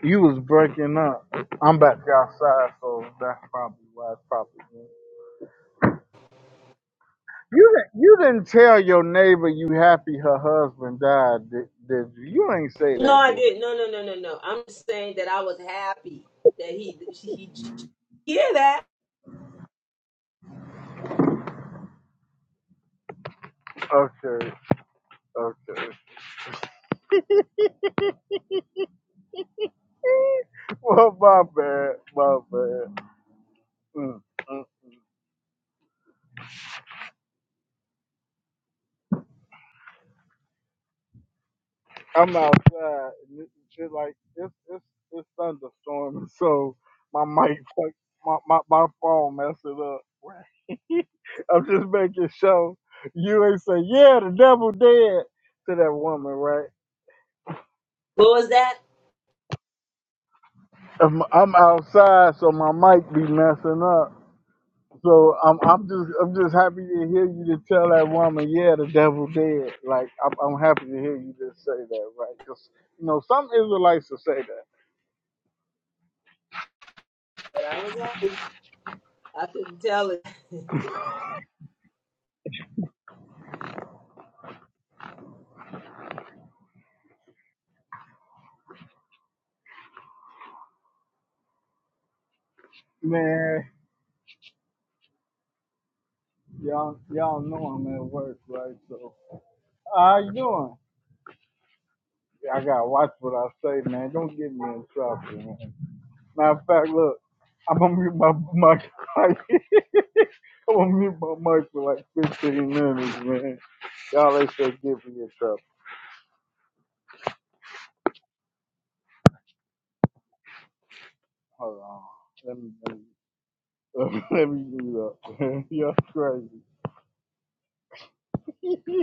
S2: You was breaking up. I'm back outside, so that's probably why. It's probably. You di- you didn't tell your neighbor you happy her husband died, did, did you? You ain't say
S1: No,
S2: that,
S1: I
S2: did
S1: didn't. No, no, no, no, no. I'm just saying that I was happy that he he hear that.
S2: you? Okay, okay. well, my bad, my bad. Mm, mm. I'm outside and it, shit like it's it's it's thunderstorming, so my mic fuck my my, my phone messed it up. I'm just making sure you ain't say yeah the devil dead to that woman, right?
S1: What was that?
S2: I'm, I'm outside, so my mic be messing up. So I'm I'm just I'm just happy to hear you to tell that woman, yeah, the devil dead. Like I'm, I'm happy to hear you just say that, right? Because you know some Israelites will say that.
S1: But I was happy. I couldn't tell it.
S2: Man, y'all y'all know I'm at work, right? So how you doing? I gotta watch what I say, man. Don't get me in trouble, man. Matter of fact, look, I'm gonna mute my mic. I'm gonna mute my mic for like 15 minutes, man. Y'all ain't to give me a cup. Hold on. Let me let me, let me do that. Y'all crazy.